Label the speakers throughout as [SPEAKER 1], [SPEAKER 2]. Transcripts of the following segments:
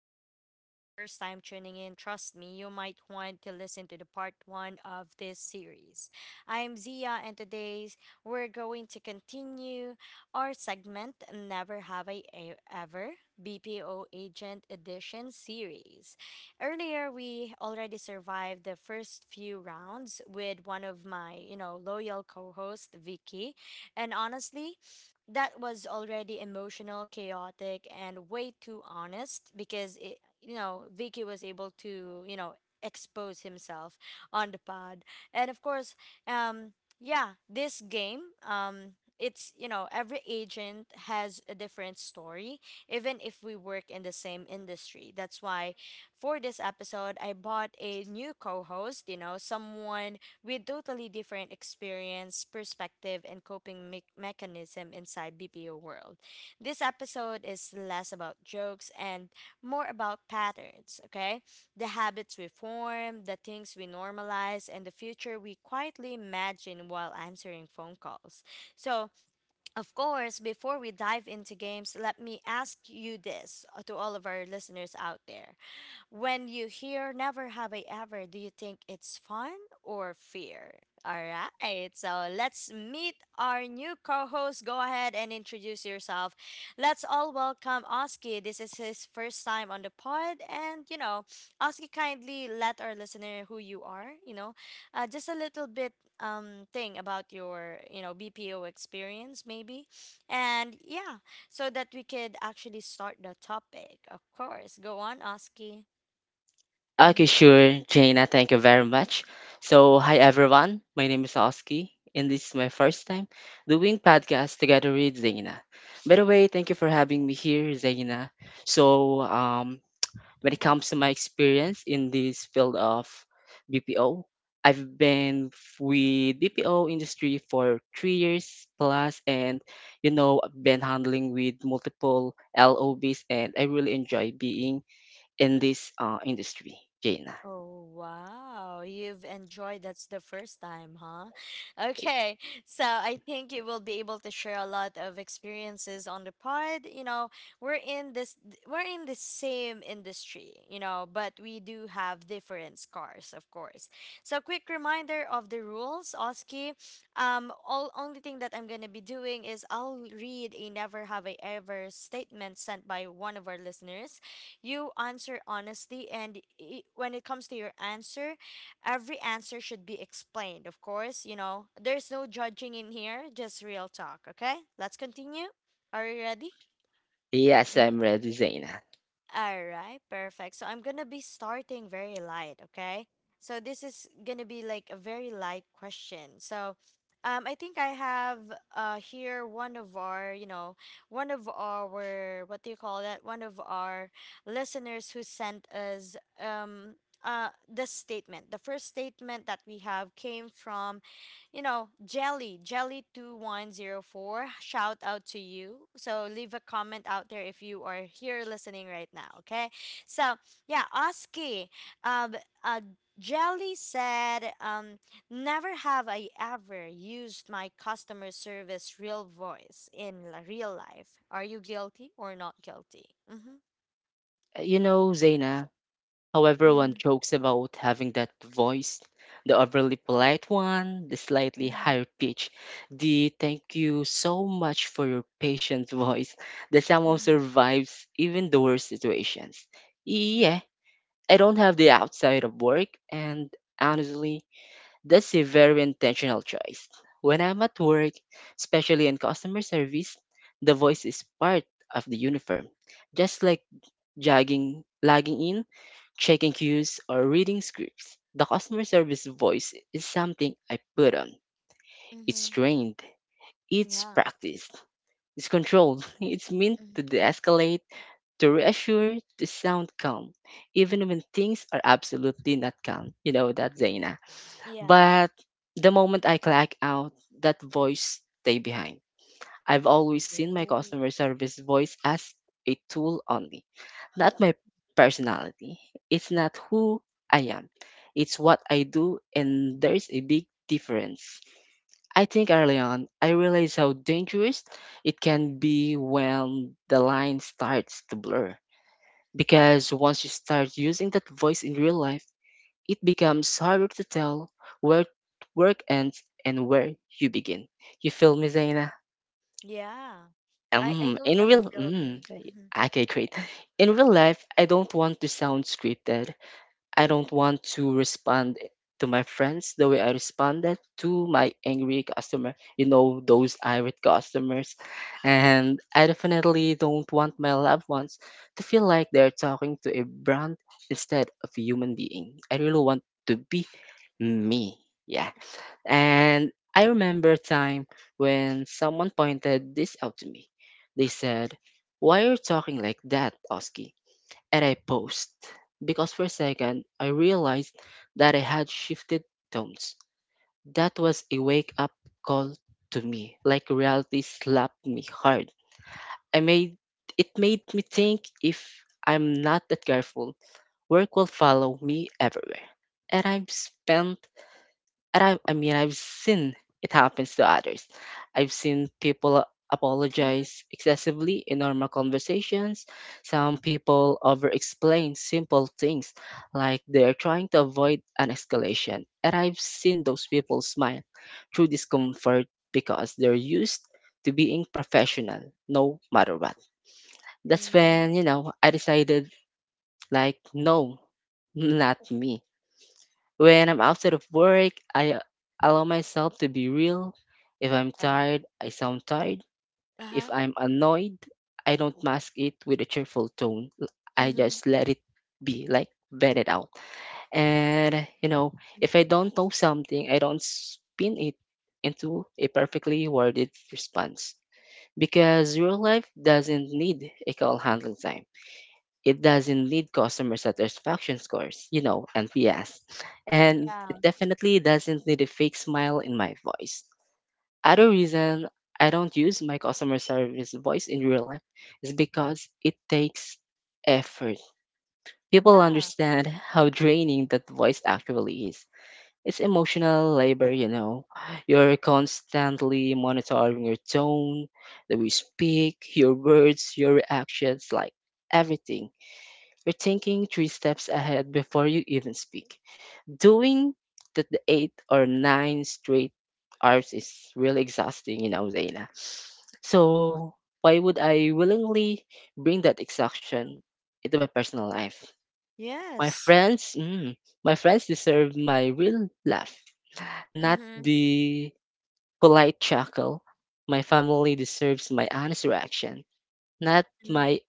[SPEAKER 1] if this is your first time tuning in, trust me, you might want to listen to the part one of this series. I'm Zia, and today's we're going to continue our segment Never Have Ever BPO Agent Edition series. Earlier, we already survived the first few rounds with one of my loyal co host, Vicky. And honestly, that was already emotional, chaotic, and way too honest because Vicky was able to expose himself on the pod. And of course, um, yeah, this game, um, every agent has a different story, even if we work in the same industry. That's why for this episode, I bought a new co host, you know, someone with totally different experience, perspective, and coping mechanism inside BPO world. This episode is less about jokes and more about patterns, okay? The habits we form, the things we normalize, and the future we quietly imagine while answering phone calls. So, of course, before we dive into games, let me ask you this to all of our listeners out there. When you hear never have I ever, do you think it's fun or fear? All right, so let's meet our new co host. Go ahead and introduce yourself. Let's all welcome Oski. This is his first time on the pod. And, you know, Oski kindly let our listener who you are, just a little bit thing about your bpo experience maybe and yeah so that we could actually start the topic of course go on oski. Mm-hmm.
[SPEAKER 2] Okay, sure, Jaina. Thank you very much. So, hi everyone. My name is Oski, and this is my first time doing podcast together with Jaina. By the way, thank you for having me here, Jaina. So, when it
[SPEAKER 1] Mm-hmm.
[SPEAKER 2] comes to my experience in this field of BPO, I've been with BPO industry for 3 years plus, and you know, I've been handling with multiple LOBs, and I really enjoy being in this industry, Jaina.
[SPEAKER 1] Oh, wow. You've enjoyed that's the first time, huh? Okay. So I think you will be able to share a lot of experiences on the pod. You know, we're in this we're in the same industry, you know, but we do have different scars, of course. So quick reminder of the rules, Oski. All Only thing that I'm gonna be doing is I'll read a never have I ever statement sent by one of our listeners. You answer honestly and when it comes to your answer, every answer should be explained, of course. You know, there's no judging in here, just real talk. Okay, let's continue. Are you ready?
[SPEAKER 2] E Yes, I'm ready, Zaina.
[SPEAKER 1] All right, perfect. So I'm gonna be starting very light, okay? So this is gonna be like a very light question. So, I think I have here one of our, you know, one of our what do you call that? One of our listeners who sent us um the statement. The first statement that we have came from you know, Jelly, Jelly2104, shout out to you. So leave a comment out there if you are here listening right now, okay? So, yeah, Oski, um, uh, Jelly said, never have I ever used my customer service real voice in real life. Are you guilty or not guilty? Mm-hmm,
[SPEAKER 2] You know, Zaina, how
[SPEAKER 1] mm-hmm,
[SPEAKER 2] everyone jokes about having that voice, the overly polite one, the slightly
[SPEAKER 1] mm-hmm,
[SPEAKER 2] higher pitch, the thank you so much for your patience voice that somehow
[SPEAKER 1] mm-hmm,
[SPEAKER 2] survives even the worst situations.
[SPEAKER 1] mm-hmm,
[SPEAKER 2] Yeah, I don't have the outside of work, and honestly, that's a very intentional choice. When I'm at work, especially in customer service, the voice is part of the uniform, just like jogging, logging in, checking queues, or reading scripts. The customer service voice is something I put on. It's
[SPEAKER 1] mm-hmm.
[SPEAKER 2] trained, it's
[SPEAKER 1] Yeah.
[SPEAKER 2] practiced, it's controlled, it's meant
[SPEAKER 1] Mhm.
[SPEAKER 2] to de escalate, to reassure, to sound calm, even when things are absolutely not calm. You know that, Zaina.
[SPEAKER 1] Yeah.
[SPEAKER 2] But the moment I clock out, that voice stay behind. I've always seen my
[SPEAKER 1] Oh.
[SPEAKER 2] customer service voice as a tool only, not my personality. It's not who I am, it's what I do, and there's a big difference. I think early on, I realized how dangerous it can be when the line starts to blur. Because once you start using that voice in real life, it becomes harder to tell where work ends and where you begin. You feel me, Zaina?
[SPEAKER 1] Yeah. I
[SPEAKER 2] Um, in
[SPEAKER 1] totally
[SPEAKER 2] real,
[SPEAKER 1] feel you.
[SPEAKER 2] mm,
[SPEAKER 1] Mm-hmm.
[SPEAKER 2] okay, great. In real life, I don't want to sound scripted. I don't want to respond to my friends the way I responded to my angry customer. You know, those irate customers, and I definitely don't want my loved ones to feel like they're talking to a brand instead of a human being. I really want to be me. Yeah. And I remember a time when someone pointed this out to me. They said, why are you talking like that, Oski? And I paused because for a second I realized that I had shifted tones. That was a wake up call to me, like reality slapped me hard. I made It made me think if I'm not that careful, work will follow me everywhere. And I've spent and I mean I've seen it happens to others. I've seen people
[SPEAKER 1] Mm-hmm.
[SPEAKER 2] apologize excessively in normal conversations. Some people over explain simple things like they're trying to avoid an escalation. And I've seen those people smile through discomfort because they're used to being professional no matter what. That's
[SPEAKER 1] Mm-hmm.
[SPEAKER 2] when, I decided like no, not me. When I'm outside of work, I allow myself to be real. If I'm
[SPEAKER 1] Yeah.
[SPEAKER 2] tired, I sound tired.
[SPEAKER 1] Uh-huh.
[SPEAKER 2] If I'm annoyed, I don't mask it with a cheerful tone. I
[SPEAKER 1] Mm-hmm.
[SPEAKER 2] just let it be, like vent it out. And you know, if I
[SPEAKER 1] Mm-hmm.
[SPEAKER 2] don't know something, I don't spin it into a perfectly worded response because real life doesn't need a call handling time. It doesn't need customer satisfaction scores, you know, NPS. And
[SPEAKER 1] Yeah.
[SPEAKER 2] it definitely doesn't need a fake smile in my voice. Other reason I don't use my customer service voice in real life is because it takes effort. People
[SPEAKER 1] Yeah.
[SPEAKER 2] understand how draining that voice actually is. It's emotional labor, you know. You're constantly monitoring your tone, the way you speak, your words, your reactions, like everything. You're thinking three steps ahead before you even speak. Doing the 8 or 9 straight hours is really exhausting, you know, Zaina. So why would I willingly bring that exhaustion into my personal life? My
[SPEAKER 1] Yes.
[SPEAKER 2] friends, mm, my friends deserve my real laugh, not
[SPEAKER 1] Mm-hmm.
[SPEAKER 2] the polite chuckle. My family deserves my honest reaction, not my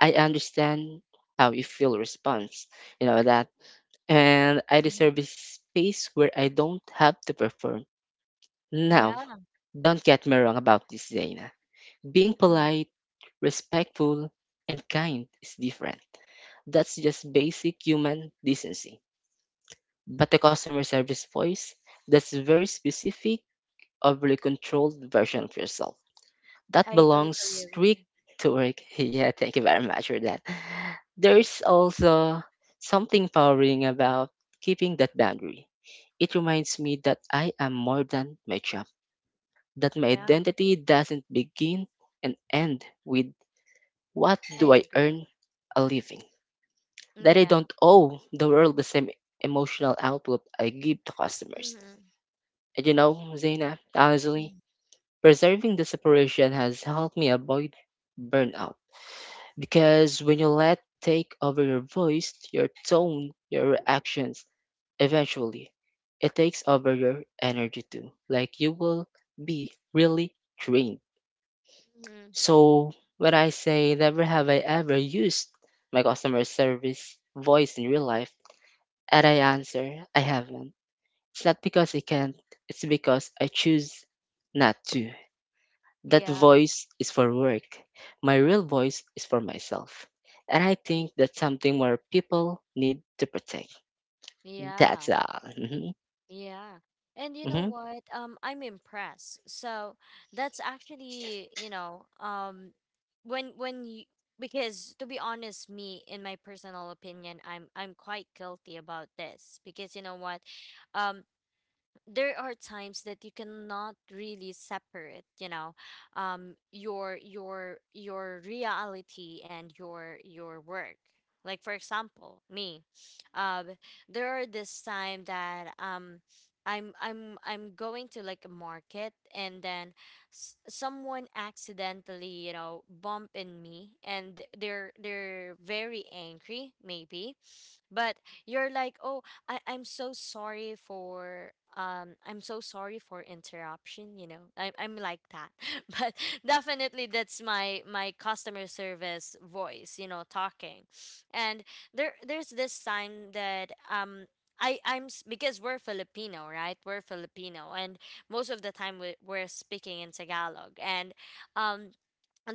[SPEAKER 2] I understand how you feel response. You know that, and I
[SPEAKER 1] Mm-hmm.
[SPEAKER 2] deserve a space where I don't have to perform. Now,
[SPEAKER 1] Yeah.
[SPEAKER 2] don't get me wrong about this, Zaina. Being
[SPEAKER 1] Mhm.
[SPEAKER 2] polite, respectful, and kind is different. That's just basic human decency. But the customer service voice, that's a very specific, overly controlled version of yourself that
[SPEAKER 1] I
[SPEAKER 2] belongs
[SPEAKER 1] totally
[SPEAKER 2] strict
[SPEAKER 1] agree.
[SPEAKER 2] to work. Yeah, thank you very much for that. There's also something empowering about keeping that boundary. It reminds me that I am more than my job, that my
[SPEAKER 1] Yeah.
[SPEAKER 2] identity doesn't begin and end with what
[SPEAKER 1] I
[SPEAKER 2] do I
[SPEAKER 1] agree.
[SPEAKER 2] earn a living, that I
[SPEAKER 1] Yeah.
[SPEAKER 2] don't owe the world the same emotional output I give to customers.
[SPEAKER 1] Mm-hmm.
[SPEAKER 2] And you know, Zaina, honestly,
[SPEAKER 1] Mm-hmm.
[SPEAKER 2] preserving the separation has helped me avoid burnout. Because when you let take over your voice, your tone, your reactions, eventually, it takes over your energy too. Like you will be really drained.
[SPEAKER 1] Mm-hmm.
[SPEAKER 2] So when I say never have I ever used my customer service voice in real life, and I answer I haven't. It's not because I can't. It's because I choose not to. That
[SPEAKER 1] Yeah.
[SPEAKER 2] voice is for work. My real voice is for myself. And I
[SPEAKER 1] Y-
[SPEAKER 2] think that's something more people need to protect. That's
[SPEAKER 1] Yeah.
[SPEAKER 2] all. Hmm.
[SPEAKER 1] Yeah. And you know
[SPEAKER 2] Hmm.
[SPEAKER 1] what? I'm impressed. So that's actually, when you because to be honest, me in my personal opinion, I'm quite guilty about this because you know what? Um, there are times that you cannot really separate, you know, your your reality and your work. Like for example me, um there are this time that I'm going to like a market and then someone accidentally, you know, bump in me and they're very angry maybe. But you're like, oh, I'm so sorry for I'm so sorry for interruption, you know, I'm like that. But definitely that's my customer service voice, you know, talking. And there there's this time that because we're Filipino, right? We're Filipino, and most of the time we're speaking in Tagalog. And um,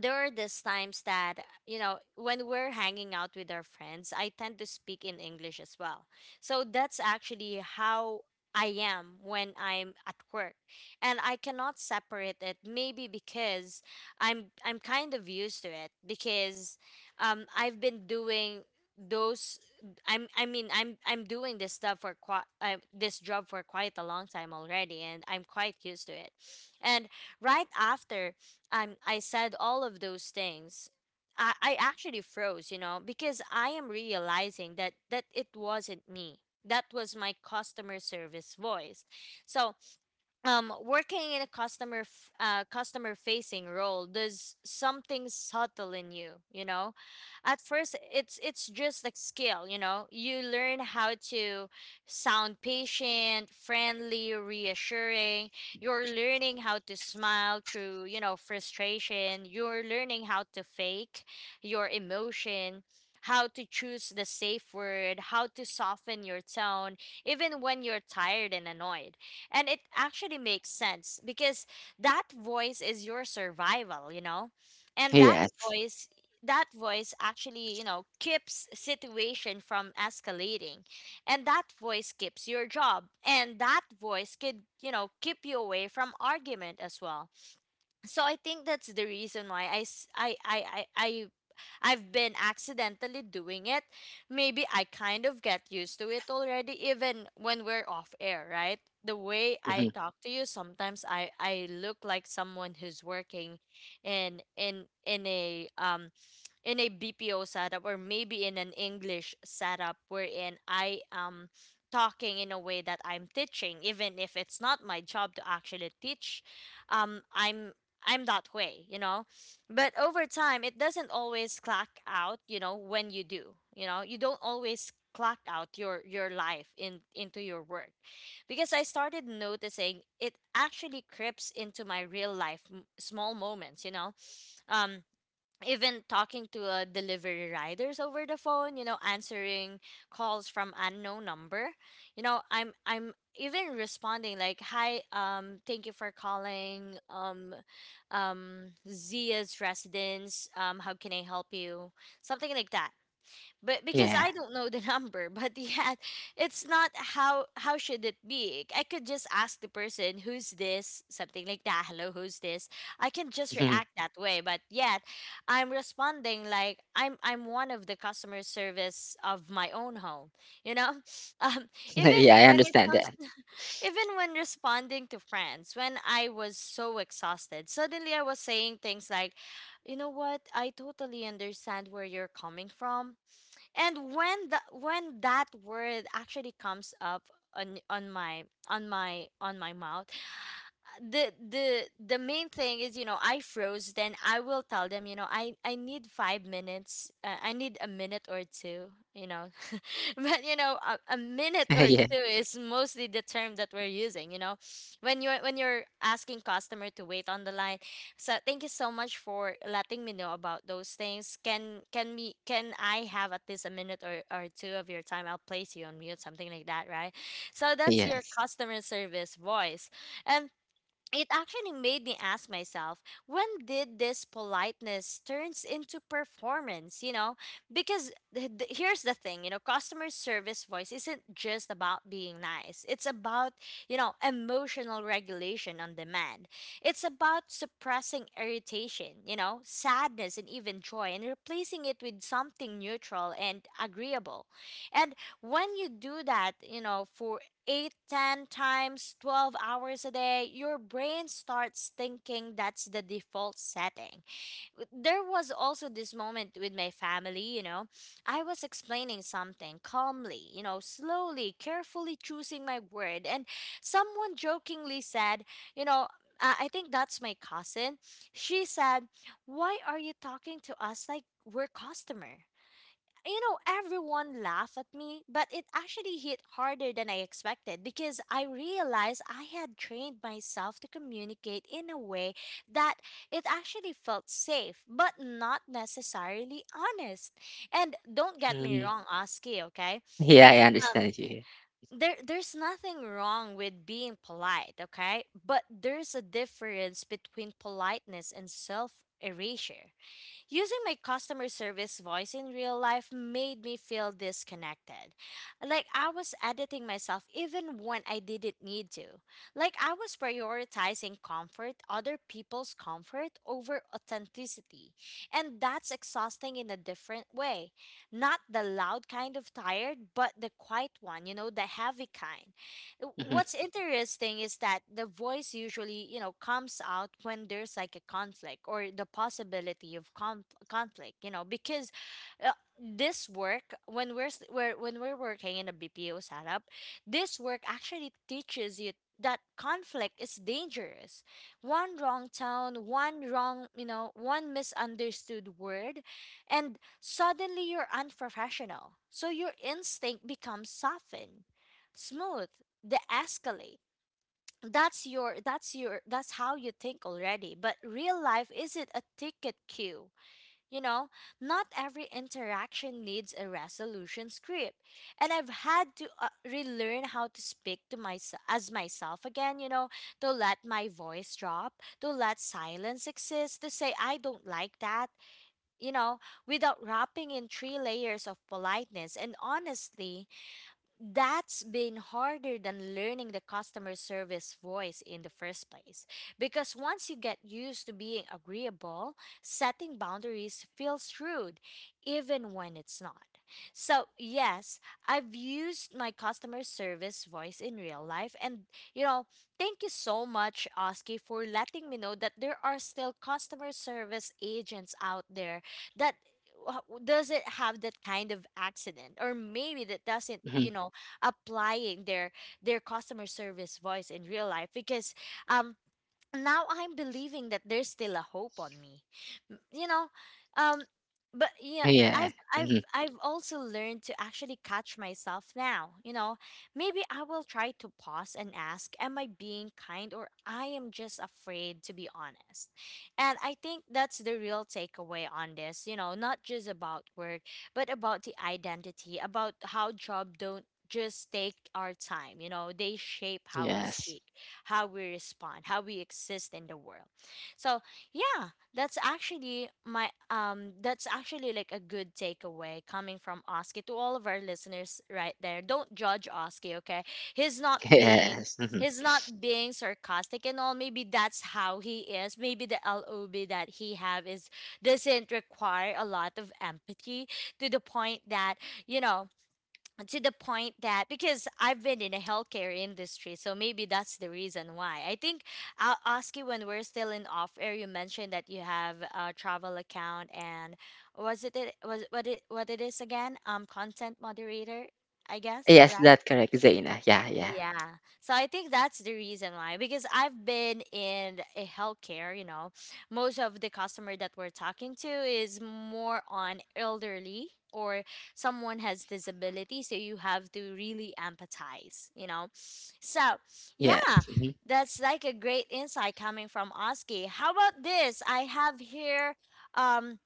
[SPEAKER 1] there are these times that you know when we're hanging out with our friends, I tend to speak in english as well. So that's actually how I am when I'm at work, and I cannot separate it, maybe because i'm kind of used to it because I've been doing those I'm I mean I'm doing this stuff for quite this job for quite a long time already, and I'm quite used to it. And right after I said all of those things, I actually froze, you know, because I am realizing that it wasn't me. That was my customer service voice. So working in a customer facing role does something subtle in you, you know. At first it's just like skill, you know, you learn how to sound patient, friendly, reassuring. You're learning how to smile through, you know, frustration. You're learning how to fake your emotion, how to choose the safe word, how to soften your tone even when you're tired and annoyed. And it actually makes sense because that voice is your survival, you know? And
[SPEAKER 2] Yes.
[SPEAKER 1] voice that voice actually, you know, keeps situation from escalating. And that voice keeps your job. And that voice could, you know, keep you away from argument as well. So I think that's the reason why I s- I I've been accidentally doing it, maybe I kind of get used to it already, even when we're off air, right? The way I
[SPEAKER 2] Hmm.
[SPEAKER 1] talk to you, sometimes I look like someone who's working in in in a um in a BPO setup or maybe in an English setup wherein I am talking in a way that I'm teaching, even if it's not my job to actually teach. Um, I'm I'm that way, you know. But over time, it doesn't always clock out, you know, when you do. You know, you don't always clock out your life in into your work because I started noticing it actually creeps into my real life, small moments, you know. um Even talking to delivery riders over the phone, you know, answering calls from unknown number, you know, i'm even responding like, hi, thank you for calling, zia's residence, how can I help you, something like that. But because
[SPEAKER 2] Yeah.
[SPEAKER 1] I don't know the number, but yet it's not how should it be? I could just ask the person who's this, something like that. Hello, who's this? I can just
[SPEAKER 2] Hmm.
[SPEAKER 1] react that way, but yet I'm responding like I'm one of the customer service of my own home. You know, um,
[SPEAKER 2] Yeah,
[SPEAKER 1] even
[SPEAKER 2] I
[SPEAKER 1] when it
[SPEAKER 2] understand
[SPEAKER 1] comes,
[SPEAKER 2] that.
[SPEAKER 1] even when responding to friends, when I was so exhausted, suddenly I was saying things like, you know what? I totally understand where you're coming from. And when that word actually comes up on on my mouth, the main thing is, you know, I froze. Then I will tell them, you know, i need five minutes, I need a minute or two, you know. But you know, a minute or
[SPEAKER 2] Yeah.
[SPEAKER 1] two is mostly the term that we're using, you know, when you're asking customer to wait on the line. So thank you so much for letting me know about those things. Can I have at least a minute or two of your time, I'll place you on mute, something like that, right? So that's your
[SPEAKER 2] Yes.
[SPEAKER 1] customer service voice. And it actually made me ask myself, when did this politeness turns into performance, you know? Because here's the thing, you know, customer service voice isn't just about being nice, it's about, you know, emotional regulation on demand. It's about suppressing irritation, you know, sadness and even joy, and replacing it with something neutral and agreeable. And when you do that, you know, for 8, 10 times 12 hours a day, your brain starts thinking that's the default setting. There was also this moment with my family, you know. I was explaining something calmly, you know, slowly, carefully choosing my word, and someone jokingly said, you know, I think that's my cousin. She said, why are you talking to us like we're customer? You know, everyone laughed at me, but it actually hit harder than I expected because I realized I had trained myself to communicate in a way that it actually felt safe, but not necessarily honest. And don't get me
[SPEAKER 2] Hmm.
[SPEAKER 1] wrong, Oski, okay?
[SPEAKER 2] Yeah, I
[SPEAKER 1] Um,
[SPEAKER 2] understand you.
[SPEAKER 1] there's nothing wrong with being polite, okay? But there's a difference between politeness and self erasure. Using my customer service voice in real life made me feel disconnected. Like I was editing myself even when I didn't need to. Like I was prioritizing comfort, other people's comfort, over authenticity. And that's exhausting in a different way. Not the loud kind of tired, but the quiet one, you know, the heavy kind. Uh,
[SPEAKER 2] Hmm.
[SPEAKER 1] What's interesting is that the voice usually, you know, comes out when there's like a conflict or the possibility of conflict, you know, because uh, this work when we're, s- we're when we're working in a BPO setup, this work actually teaches you that conflict is dangerous. One wrong tone, one wrong, you know, one misunderstood word, and suddenly you're unprofessional. So your instinct becomes softened, smooth, the escalate, that's how you think already. But real life isn't a ticket queue, you know. Not every interaction needs a resolution script. And I've had to relearn how to speak to myself as myself again, you know, to let my voice drop, to let silence exist, to say I don't like that, you know, without wrapping in three layers of politeness. And honestly, that's been harder than learning the customer service voice in the first place. Because once you get used to being agreeable, setting boundaries feels rude, even when it's not. So, yes, I've used my customer service voice in real life. And, you know, thank you so much, Oski, for letting me know that there are still customer service agents out there that doesn't have that kind of accident, or maybe that doesn't,
[SPEAKER 2] Hmm.
[SPEAKER 1] you know, applying their customer service voice in real life, because um now I'm believing that there's still a hope on me. You know, um, but yeah,
[SPEAKER 2] Yeah.
[SPEAKER 1] I've I've
[SPEAKER 2] Hmm.
[SPEAKER 1] I've also learned to actually catch myself now. You know, maybe I will try to pause and ask, am I being kind, or I am just afraid to be honest? And I think that's the real takeaway on this, you know, not just about work, but about the identity, about how job don't just take our time, you know, they shape how we
[SPEAKER 2] Yes.
[SPEAKER 1] speak, how we respond, how we exist in the world. So yeah, that's actually my that's actually like a good takeaway coming from Oski to all of our listeners right there. Don't judge Oski, okay? He's not being
[SPEAKER 2] Yes. Hmm.
[SPEAKER 1] he's not being sarcastic and all. Maybe that's how he is. Maybe the LOB that he have is doesn't require a lot of empathy to the point that, you know, to the point that, because I've been in a healthcare industry, so maybe that's the reason why. I think I'll ask you when we're still in off air. You mentioned that you have a travel account, and was it it was what it is again? Content moderator, I guess,
[SPEAKER 2] Yes,
[SPEAKER 1] right?
[SPEAKER 2] that's correct, Zaina. Yeah, yeah.
[SPEAKER 1] Yeah. So I think that's the reason why, because I've been in a healthcare, you know. Most of the customer that we're talking to is more on elderly or someone has disability, so you have to really empathize, you know. So,
[SPEAKER 2] Yes.
[SPEAKER 1] yeah,
[SPEAKER 2] Mm-hmm.
[SPEAKER 1] that's like a great insight coming from Oski. How about this? Um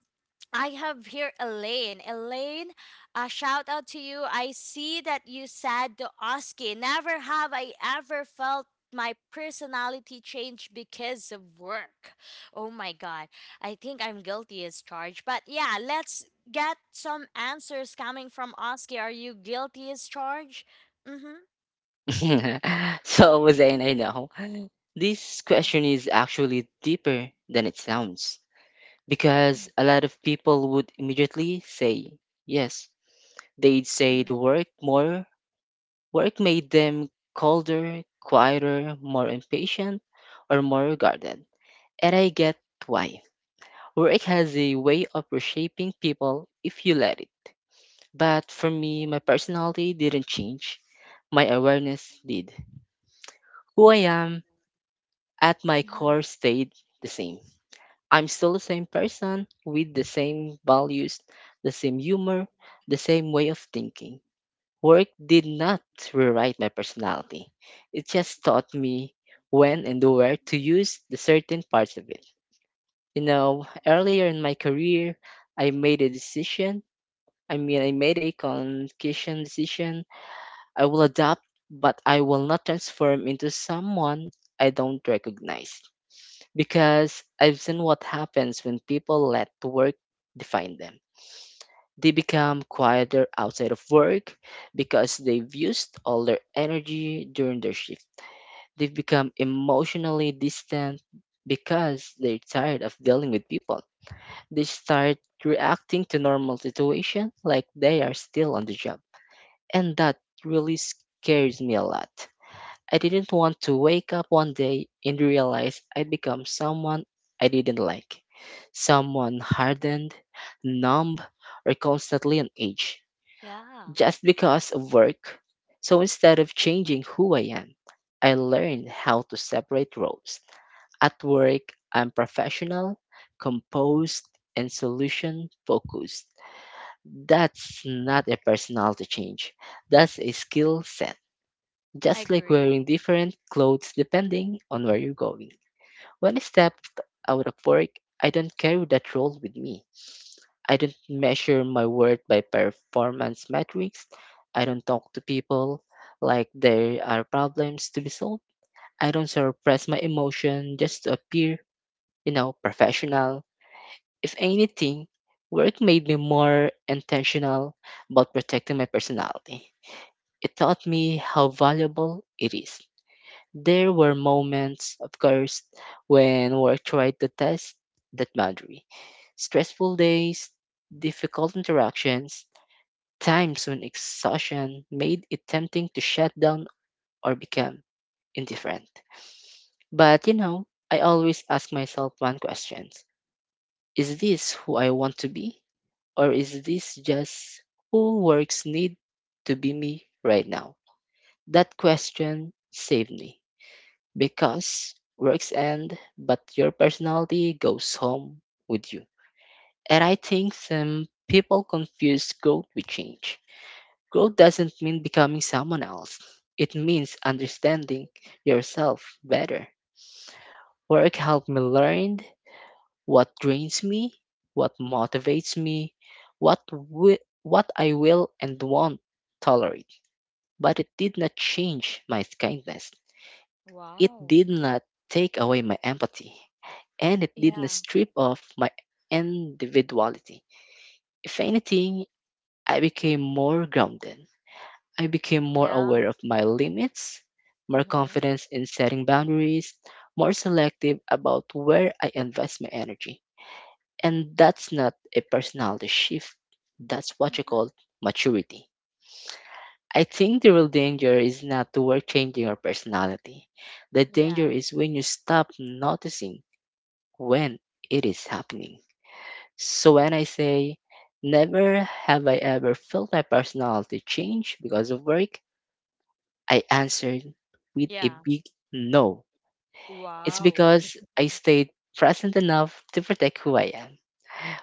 [SPEAKER 1] I have here Elaine. Elaine, a shout out to you. I see that you said to Oski, never have I ever felt my personality change because of work. Oh my God. I think I'm guilty as charged. But yeah, let's get some answers coming from Oski. Are you guilty as charged? Mm-hmm.
[SPEAKER 2] So, Zain, I know this
[SPEAKER 1] Yeah.
[SPEAKER 2] question is actually deeper than it sounds because a lot of people would immediately say yes. They'd say the work more work made them colder, quieter, more impatient, or more guarded. And I get why. Work has a way of reshaping people if you let it. But for me, my personality didn't change. My awareness did. Who I am at my core
[SPEAKER 1] Mm-hmm.
[SPEAKER 2] stayed the same. I'm still the same person with the same values, the same humor, the same way of thinking. Work did not rewrite my personality. It just taught me when and where to use the certain parts of it. You know, earlier in my career, I made a decision. I mean, I made a conscious decision. I will adapt, but I will not transform into someone I don't recognize because I've seen what happens when people let work define them. They become quieter outside of work because they've used all their energy during their shift. They've become emotionally distant because they're tired of dealing with people. They start reacting to normal situations like they are still on the job. And that really scares me a lot. I didn't want to wake up one day and realize I'd become someone I didn't like. Someone hardened, numb, or constantly on edge
[SPEAKER 1] Yeah.
[SPEAKER 2] just because of work. So instead of changing who I am, I learned how to separate roles. At work, I'm professional, composed, and solution focused. That's not a personality change, that's a skill set,
[SPEAKER 1] I
[SPEAKER 2] just like
[SPEAKER 1] agree.
[SPEAKER 2] wearing different clothes depending on where you're going. When I step out of work, I don't carry that role with me. I don't measure my worth by performance metrics. I don't talk to people like there are problems to be solved. I don't suppress my emotion just to appear, you know, professional. If anything, work made me more intentional about protecting my personality. It taught me how valuable it is. There were moments, of course, when work tried to test that boundary. Stressful days, difficult interactions, times when exhaustion made it tempting to shut down or become indifferent. But you know, I always ask myself one question. Is this who I want to be? Or is this just who works need to be me right now? That question saved me because works end, but your personality goes home with you. And I think some people confuse growth with change. Growth doesn't mean becoming someone else, it means understanding yourself better. Work helped me learn what drains me, what motivates me, what, what I will and won't tolerate. But it did not change my kindness, it
[SPEAKER 1] Wow.
[SPEAKER 2] did not take away my empathy, and it didn't
[SPEAKER 1] Yeah.
[SPEAKER 2] strip off my individuality. If anything, I became more grounded. I became more
[SPEAKER 1] Yeah.
[SPEAKER 2] aware of my limits, more
[SPEAKER 1] Mm-hmm.
[SPEAKER 2] confident in setting boundaries, more selective about where I invest my energy. And that's not a personality shift, that's what you
[SPEAKER 1] Mm-hmm.
[SPEAKER 2] call maturity. I think the real danger is not the world changing your personality. The
[SPEAKER 1] Yeah.
[SPEAKER 2] danger is when you stop noticing when it is happening. So when I say never have I ever felt my personality change because of work, I answered with a
[SPEAKER 1] Yeah.
[SPEAKER 2] big no. It's
[SPEAKER 1] Wow.
[SPEAKER 2] because I stayed present enough to protect who I am.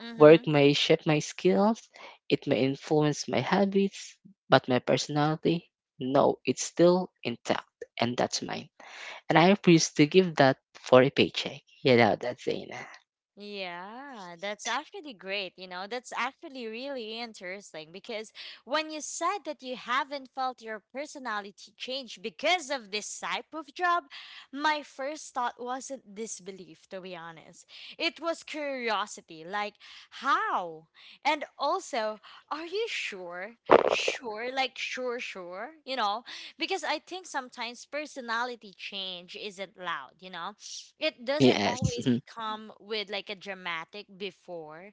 [SPEAKER 1] Mm-hmm.
[SPEAKER 2] Work may shape my skills, it may influence my habits, but my personality, no, it's still intact, and that's mine. And I refuse to give that for a paycheck. You know that, Zaina.
[SPEAKER 1] Yeah, that's actually great. You know, that's actually really interesting because when you said that you haven't felt your personality change because of this type of job, my first thought wasn't disbelief, to be honest. It was curiosity, like, how? And also, are you sure? Sure, like, sure, sure, you know, because I think sometimes personality change isn't loud, you know? It doesn't
[SPEAKER 2] Yes.
[SPEAKER 1] always come with like a dramatic before,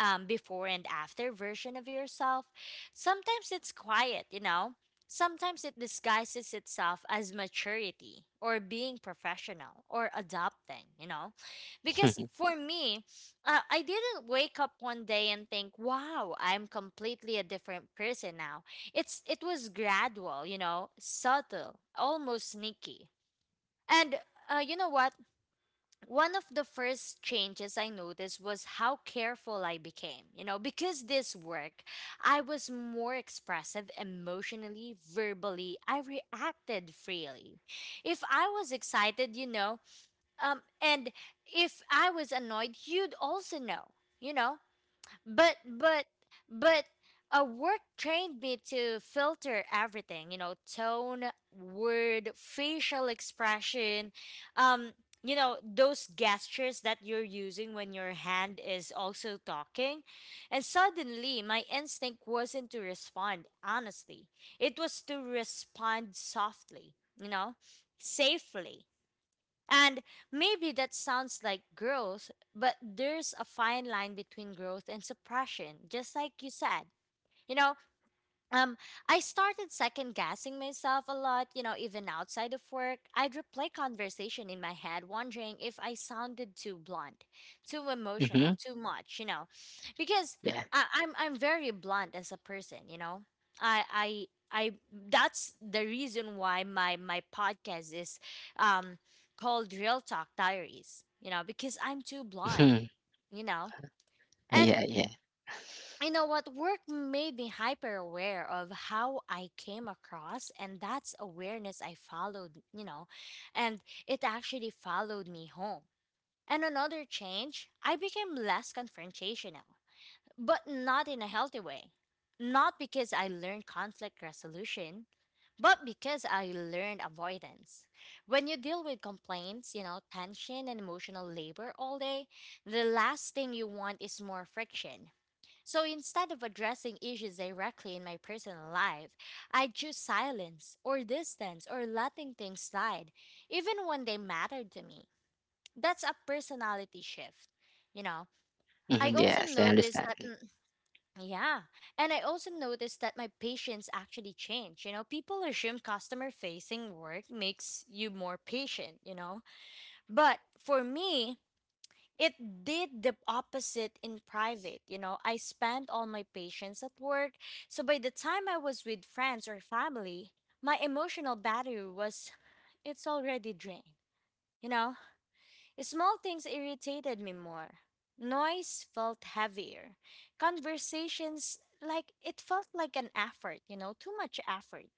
[SPEAKER 1] um, before and after version of yourself. Sometimes it's quiet, you know. Sometimes it disguises itself as maturity or being professional or adopting, you know. Because
[SPEAKER 2] Hmm.
[SPEAKER 1] for me, I didn't wake up one day and think, "Wow, I'm completely a different person now." It was gradual, you know, subtle, almost sneaky. And you know what? One of the first changes I noticed was how careful I became. You know, because this work, I was more expressive emotionally, verbally. I reacted freely. If I was excited, you know, and if I was annoyed, you'd also know. You know, but but but a work trained me to filter everything, you know, tone, word, facial expression, um you know, those gestures that you're using when your hand is also talking. And suddenly my instinct wasn't to respond honestly, it was to respond softly, you know, safely. And maybe that sounds like growth, but there's a fine line between growth and suppression, just like you said. You know, um, I started second guessing myself a lot, you know, even outside of work. I'd replay conversation in my head, wondering if I sounded too blunt, too emotional, too much, you know, because
[SPEAKER 2] Yeah.
[SPEAKER 1] I'm very blunt as a person, you know. I that's the reason why my podcast is um called Real Talk Diaries, you know, because I'm too blunt, you know. And
[SPEAKER 2] Yeah.
[SPEAKER 1] you know what, work made me hyper aware of how I came across, and that's awareness I followed, you know. And it actually followed me home. And another change, I became less confrontational, but not in a healthy way. Not because I learned conflict resolution, but because I learned avoidance. When you deal with complaints, you know, tension and emotional labor all day, the last thing you want is more friction. So instead of addressing issues directly in my personal life, I choose silence or distance or letting things slide, even when they matter to me. That's a personality shift. You know, I
[SPEAKER 2] Mhm,
[SPEAKER 1] also
[SPEAKER 2] yes, I
[SPEAKER 1] noticed
[SPEAKER 2] understand.
[SPEAKER 1] that, yeah, and I also noticed that my patience actually changed. You know, people assume customer facing work makes you more patient, you know, but for me, it did the opposite in private. You know, I spent all my patience at work. So by the time I was with friends or family, my emotional battery was, it's already drained. You know, small things irritated me more. Noise felt heavier. Conversations, like, it felt like an effort, you know, too much effort.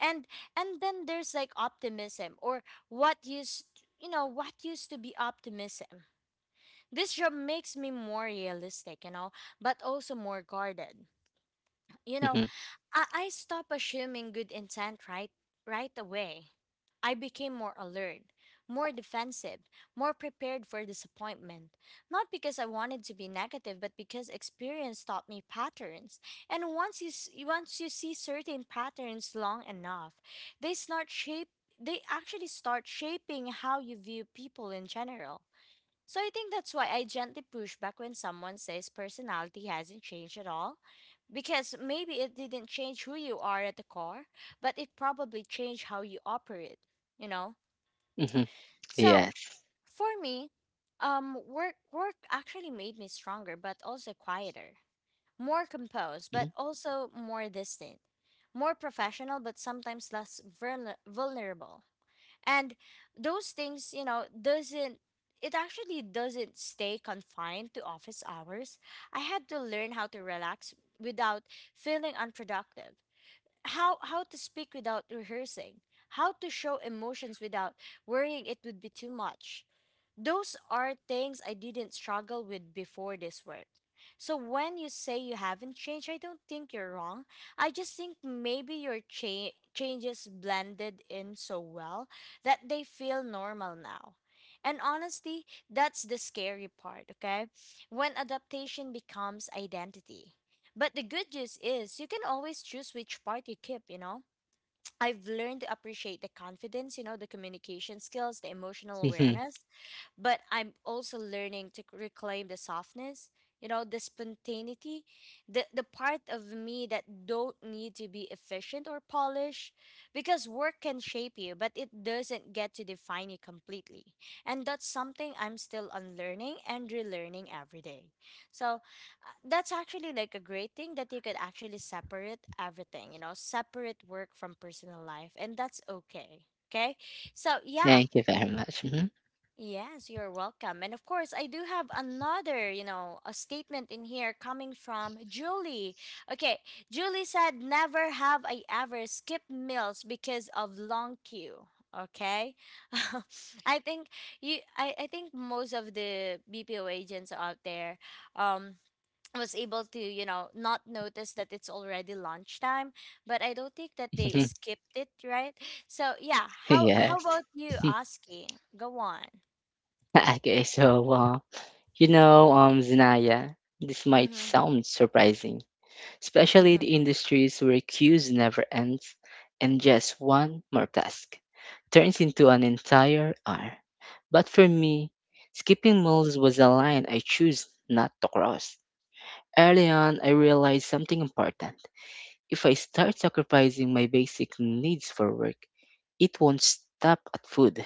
[SPEAKER 1] And and then there's like optimism, or what used you know what used to be optimism, this job makes me more realistic, you know, but also more guarded. You know,
[SPEAKER 2] Mhm,
[SPEAKER 1] I stop assuming good intent right away. I became more alert, more defensive, more prepared for disappointment. Not because I wanted to be negative, but because experience taught me patterns. And once you see certain patterns long enough, they start shape they actually start shaping how you view people in general. So I think that's why I gently push back when someone says personality hasn't changed at all. Because maybe it didn't change who you are at the core, but it probably changed how you operate, you know?
[SPEAKER 2] mhm,
[SPEAKER 1] So
[SPEAKER 2] yes.
[SPEAKER 1] for me, work actually made me stronger but also quieter. More composed, but
[SPEAKER 2] Mhm,
[SPEAKER 1] also more distant. More professional, but sometimes less vulnerable. And those things, you know, doesn't, it actually doesn't stay confined to office hours. I had to learn how to relax without feeling unproductive, how to speak without rehearsing, how to show emotions without worrying it would be too much. Those are things I didn't struggle with before this work. So when you say you haven't changed, I don't think you're wrong. I just think maybe your changes blended in so well that they feel normal now. And honestly, that's the scary part, okay? When adaptation becomes identity. But the good news is you can always choose which part you keep, you know. I've learned to appreciate the confidence, you know, the communication skills, the emotional
[SPEAKER 2] mhm.
[SPEAKER 1] awareness, but I'm also learning to reclaim the softness, you know, the spontaneity, the part of me that don't need to be efficient or polished, because work can shape you, but it doesn't get to define you completely. And that's something I'm still unlearning and relearning every day. So that's actually like a great thing that you could actually separate everything, you know, separate work from personal life, and that's okay. Okay? So, yeah,
[SPEAKER 2] Thank you very much. Mhm,
[SPEAKER 1] yes, you're welcome. And of course, I do have another, you know, a statement in here coming from Julie. Okay, Julie said, "Never have I ever skipped meals because of long queue." Okay. I think you, I think most of the BPO agents out there, um, was able to, you know, not notice that it's already lunchtime, but I don't think that they
[SPEAKER 2] mhm,
[SPEAKER 1] skipped it, right? So yeah, how
[SPEAKER 2] yes.
[SPEAKER 1] about you, Oski? Go on.
[SPEAKER 2] Okay, so you know, Zinaya, this might
[SPEAKER 1] Mhm.
[SPEAKER 2] sound surprising, especially
[SPEAKER 1] Mhm.
[SPEAKER 2] the industries where queues never ends and just one more task turns into an entire hour. But for me, skipping meals was a line I choose not to cross. Early on, I realized something important. If I start sacrificing my basic needs for work, it won't stop at food.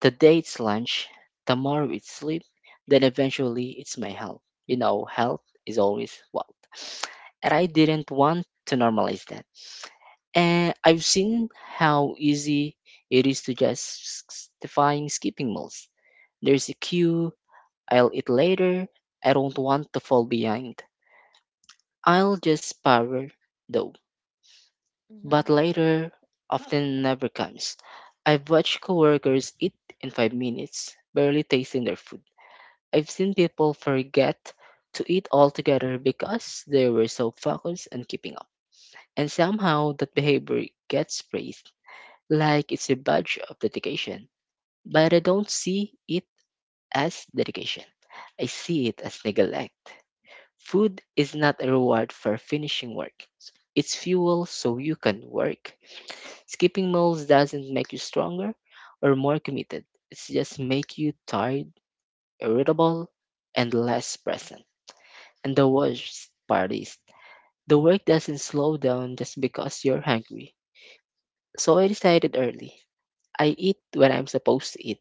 [SPEAKER 2] Today it's lunch, tomorrow it's sleep, then eventually it's my health. You know, health is always wealth. And I didn't want to normalize that. And I've seen how easy it is to just define skipping meals. There's a queue, I'll eat later, I don't want to fall behind. I'll just power though. But
[SPEAKER 1] Mhm.
[SPEAKER 2] later often never comes. I've watched coworkers eat in 5 minutes, barely tasting their food. I've seen people forget to eat altogether because they were so focused on keeping up. And somehow that behavior gets praised, like it's a badge of dedication. But I don't see it as dedication. I see it as neglect. Food is not a reward for finishing work. It's fuel so you can work. Skipping meals doesn't make you stronger or more committed. It just make you tired, irritable, and less present. And the worst part is the work doesn't slow down just because you're hungry. So I decided early. I eat when I'm supposed to eat.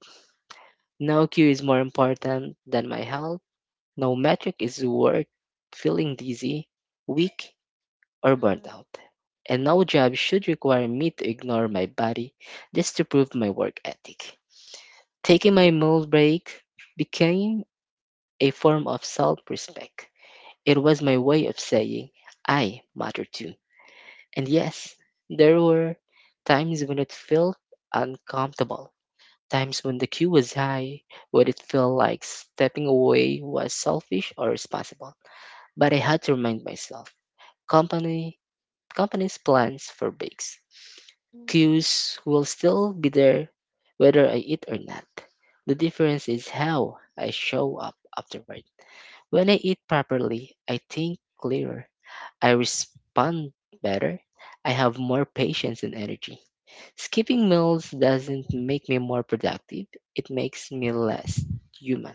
[SPEAKER 2] No cue is more important than my health. No metric is worth feeling dizzy, weak, or burnt
[SPEAKER 1] Mhm.
[SPEAKER 2] out. And no job should require me to ignore my body just to prove my work ethic. Taking my meal break became a form of self respect. It was my way of saying, I matter too. And yes, there were times when it felt uncomfortable, times when the queue was high, when it felt like stepping away was selfish or responsible. But I had to remind myself company company's plans for breaks.
[SPEAKER 1] Mhm.
[SPEAKER 2] Cues will still be there whether I eat or not. The difference is how I show up afterward. When I eat properly, I think clearer. I respond better. I have more patience and energy. Skipping meals doesn't make me more productive, it makes me less human.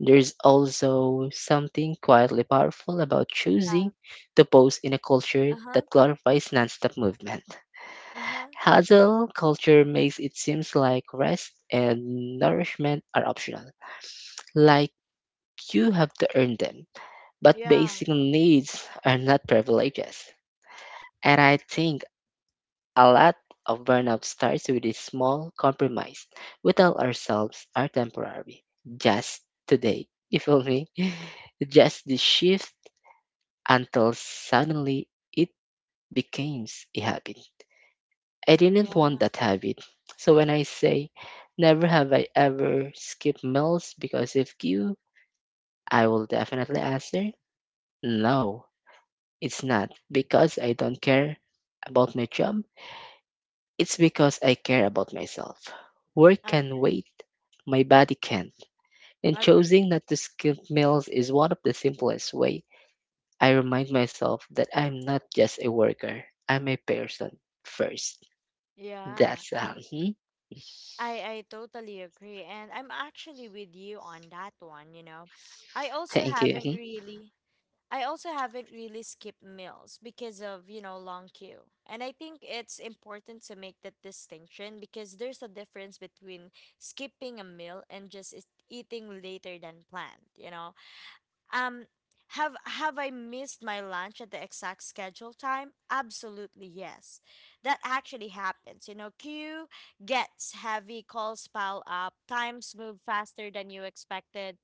[SPEAKER 2] There's also something quietly powerful about
[SPEAKER 1] Yeah.
[SPEAKER 2] choosing to pose in a culture
[SPEAKER 1] Uh-huh.
[SPEAKER 2] that glorifies nonstop movement.
[SPEAKER 1] Uh-huh.
[SPEAKER 2] Hustle culture makes it seems like rest and nourishment are optional, like you have to earn them. But
[SPEAKER 1] Yeah.
[SPEAKER 2] basic needs are not privileges. And I think a lot of burnout starts with a small compromise. We tell ourselves are temporary. Just today. You feel me? Just the shift until suddenly it became a habit. I didn't
[SPEAKER 1] Yeah.
[SPEAKER 2] want that habit. So when I say never have I ever skipped meals because of you, I will definitely answer no, it's not because I don't care about my job. It's because I care about myself. Work can
[SPEAKER 1] Agree.
[SPEAKER 2] wait, my body can't. And choosing
[SPEAKER 1] Agree.
[SPEAKER 2] not to skip meals is one of the simplest ways I remind myself that I'm not just a worker, I'm a person first.
[SPEAKER 1] Yeah.
[SPEAKER 2] That's mhm.
[SPEAKER 1] I I totally agree, and I'm actually with you on that one. You know, I also
[SPEAKER 2] Thank you.
[SPEAKER 1] haven't
[SPEAKER 2] Mhm.
[SPEAKER 1] really. I also haven't really skipped meals because of, you know, long queue. And I think it's important to make that distinction because there's a difference between skipping a meal and just eating later than planned, you know? Um, have I missed my lunch at the exact schedule time? Absolutely yes. That actually happens. You know, queue gets heavy, calls pile up, times move faster than you expected.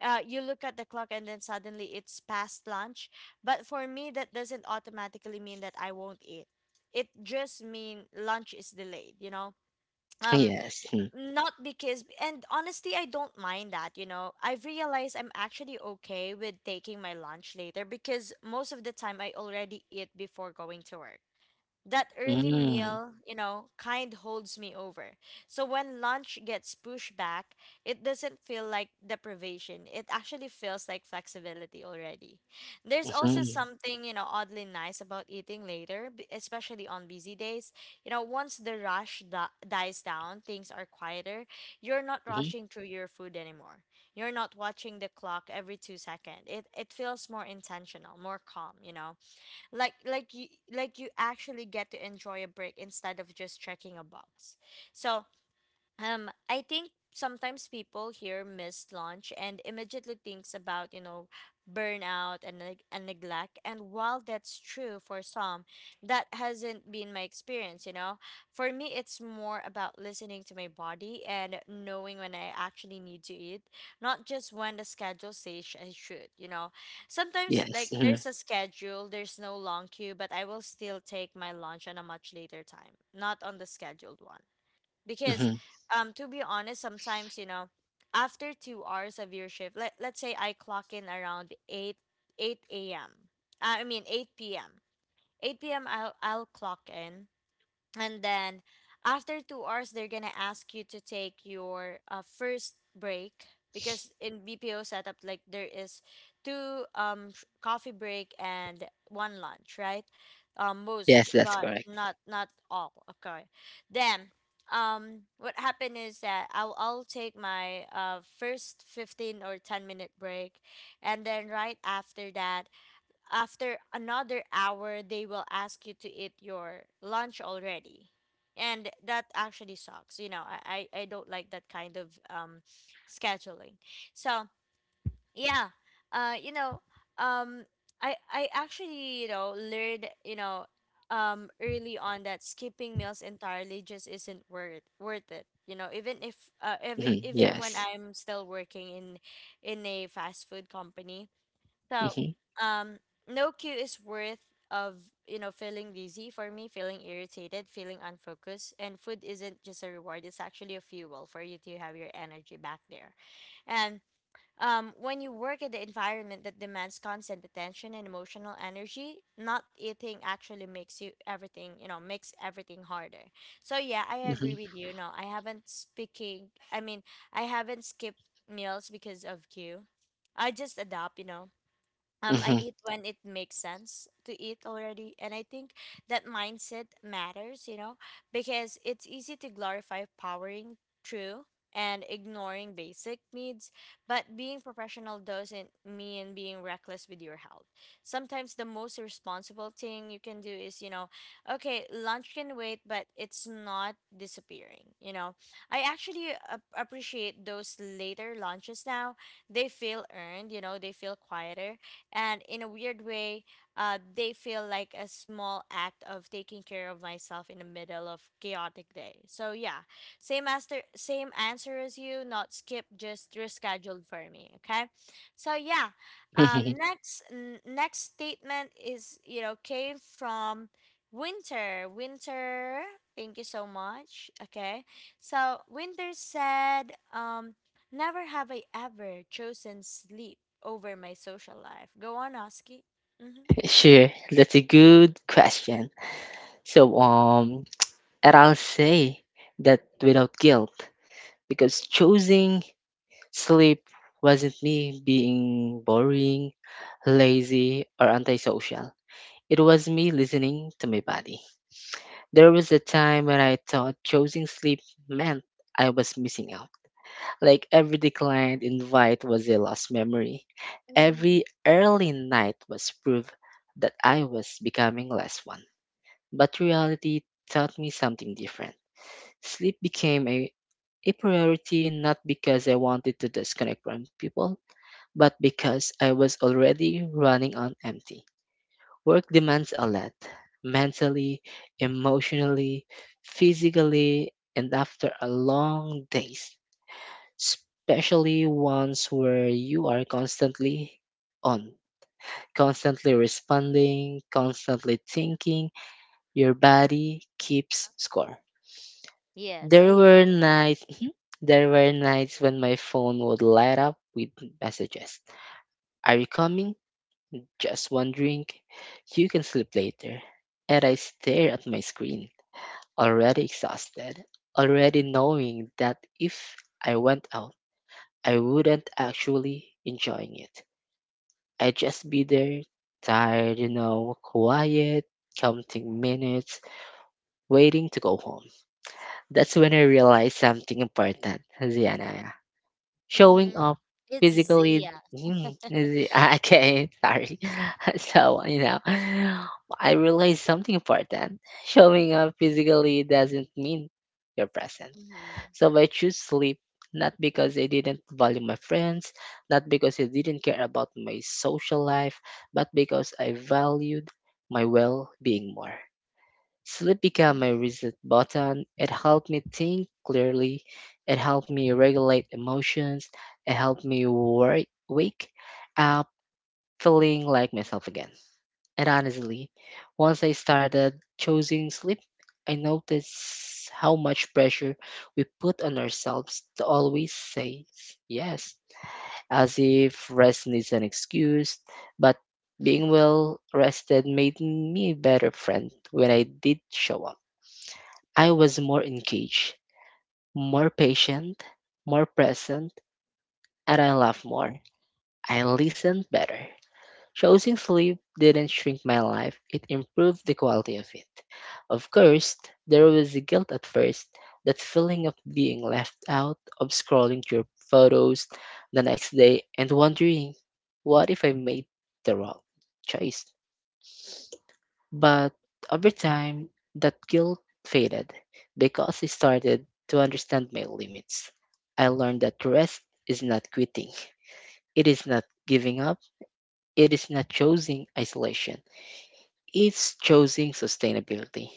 [SPEAKER 1] You look at the clock and then suddenly it's past lunch. But for me, that doesn't automatically mean that I won't eat. It just mean lunch is delayed. Um,
[SPEAKER 2] Yes. Mhm.
[SPEAKER 1] not because And honestly, I don't mind that I've realized I'm actually okay with taking my lunch later because most of the time I already eat before going to work. That early
[SPEAKER 2] Mm,
[SPEAKER 1] meal, you know, kind holds me over. So when lunch gets pushed back, it doesn't feel like deprivation. It actually feels like flexibility already. There's also
[SPEAKER 2] mhm,
[SPEAKER 1] something, you know, oddly nice about eating later, especially on busy days. You know, once the rush dies down, things are quieter. You're not
[SPEAKER 2] mhm.
[SPEAKER 1] rushing through your food anymore. You're not watching the clock every 2 seconds. It feels more intentional, more calm, you know, like like you like you actually get to enjoy a break instead of just checking a box. So I think sometimes people hear missed launch and immediately thinks about, you know, burnout and neglect. And while that's true for some, that hasn't been my experience. You know, for me, it's more about listening to my body and knowing when I actually need to eat, not just when the schedule says I should. You know, sometimes
[SPEAKER 2] Yes.
[SPEAKER 1] like
[SPEAKER 2] Mhm,
[SPEAKER 1] there's a schedule, there's no long queue, but I will still take my lunch on a much later time, not on the scheduled one, because
[SPEAKER 2] mhm.
[SPEAKER 1] to be honest, sometimes, you know, after 2 hours of your shift, let's say I clock in around 8, 8 a.m., I mean 8 p.m. I'll clock in, and then after 2 hours they're gonna ask you to take your first break, because in BPO setup, like, there is two coffee break and one lunch, right? Most,
[SPEAKER 2] Yes, that's
[SPEAKER 1] but
[SPEAKER 2] correct.
[SPEAKER 1] not all, okay? Then what happened is that I'll take my first 15 or 10-minute break, and then right after that, after another hour, they will ask you to eat your lunch already. And that actually sucks, you know. I don't like that kind of scheduling. So yeah. uh you know um I actually, you know, learned, early on that skipping meals entirely just isn't worth it, you know, even if
[SPEAKER 2] Mhm,
[SPEAKER 1] even when
[SPEAKER 2] yes.
[SPEAKER 1] I'm still working in a fast food company. So,
[SPEAKER 2] Mhm,
[SPEAKER 1] um, no cue is worth of, you know, feeling dizzy for me, feeling irritated, feeling unfocused. And food isn't just a reward, it's actually a fuel for you to have your energy back there. And when you work in the environment that demands constant attention and emotional energy, not eating actually makes you everything, you know, makes everything harder. So yeah, I agree
[SPEAKER 2] mhm,
[SPEAKER 1] with you. No, I mean, I haven't skipped meals because of cue. I just adapt, you know. I
[SPEAKER 2] mhm,
[SPEAKER 1] eat when it makes sense to eat already. And I think that mindset matters, you know, because it's easy to glorify powering through and ignoring basic needs. But being professional doesn't mean being reckless with your health. Sometimes the most responsible thing you can do is, you know, okay, lunch can wait, but it's not disappearing, you know. I actually appreciate those later lunches now. They feel earned, you know, they feel quieter, and in a weird way, they feel like a small act of taking care of myself in the middle of chaotic day. So yeah, same answer, same answer as you. Not skip, just rescheduled for me. Okay, so yeah,
[SPEAKER 2] mhm.
[SPEAKER 1] next next statement is, you know, came from Winter. Thank you so much. Okay, so Winter said, "Never have I ever chosen sleep over my social life." Go on, Oski. Mm-hmm.
[SPEAKER 2] Sure, that's a good question. So, and I'll say that without guilt, because choosing sleep wasn't me being boring, lazy, or antisocial. It was me listening to my body. There was a time when I thought choosing sleep meant I was missing out. Like every declined invite was a lost memory. Every early night was proof that I was becoming less one. But reality taught me something different. Sleep became a priority not because I wanted to disconnect from people, but because I was already running on empty. Work demands a lot mentally, emotionally, physically, and after a long days, especially ones where you are constantly on, constantly responding, constantly thinking, your body keeps score.
[SPEAKER 1] Yes, I
[SPEAKER 2] There
[SPEAKER 1] agree.
[SPEAKER 2] were nights Mhm. There were nights when my phone would light up with messages. Are you coming? Just one drink. You can sleep later. And I stare at my screen already exhausted, already knowing that if I went out, I wouldn't actually enjoying it. I'd just be there, tired, you know, quiet, counting minutes, waiting to go home. That's when I realized something important, Ziana. Showing
[SPEAKER 1] Mm-hmm.
[SPEAKER 2] up
[SPEAKER 1] It's
[SPEAKER 2] physically,
[SPEAKER 1] Zia.
[SPEAKER 2] I can't, sorry. So, I realized something important. Showing up physically doesn't mean you're present.
[SPEAKER 1] Mm-hmm.
[SPEAKER 2] So I choose sleep not because I didn't value my friends, not because I didn't care about my social life, but because I valued my well being more. Sleep became my reset button. It helped me think clearly. It helped me regulate emotions. It helped me wake up feeling like myself again. And honestly, once I started choosing sleep, I noticed how much pressure we put on ourselves to always say yes, as if rest is an excuse. But being
[SPEAKER 1] Mm-hmm.
[SPEAKER 2] well rested made me a better friend when I did show up. I was more engaged, more patient, more present, and I laughed more. I listened better. Choosing sleep didn't shrink my life, it improved the quality of it. Of course, there was the guilt at first, that feeling of being left out, of scrolling through photos the next day and wondering, what if I made the wrong choice? But over time, that guilt faded because I started to understand my limits. I learned that rest is not quitting, it is not giving up, it is not choosing isolation is choosing sustainability.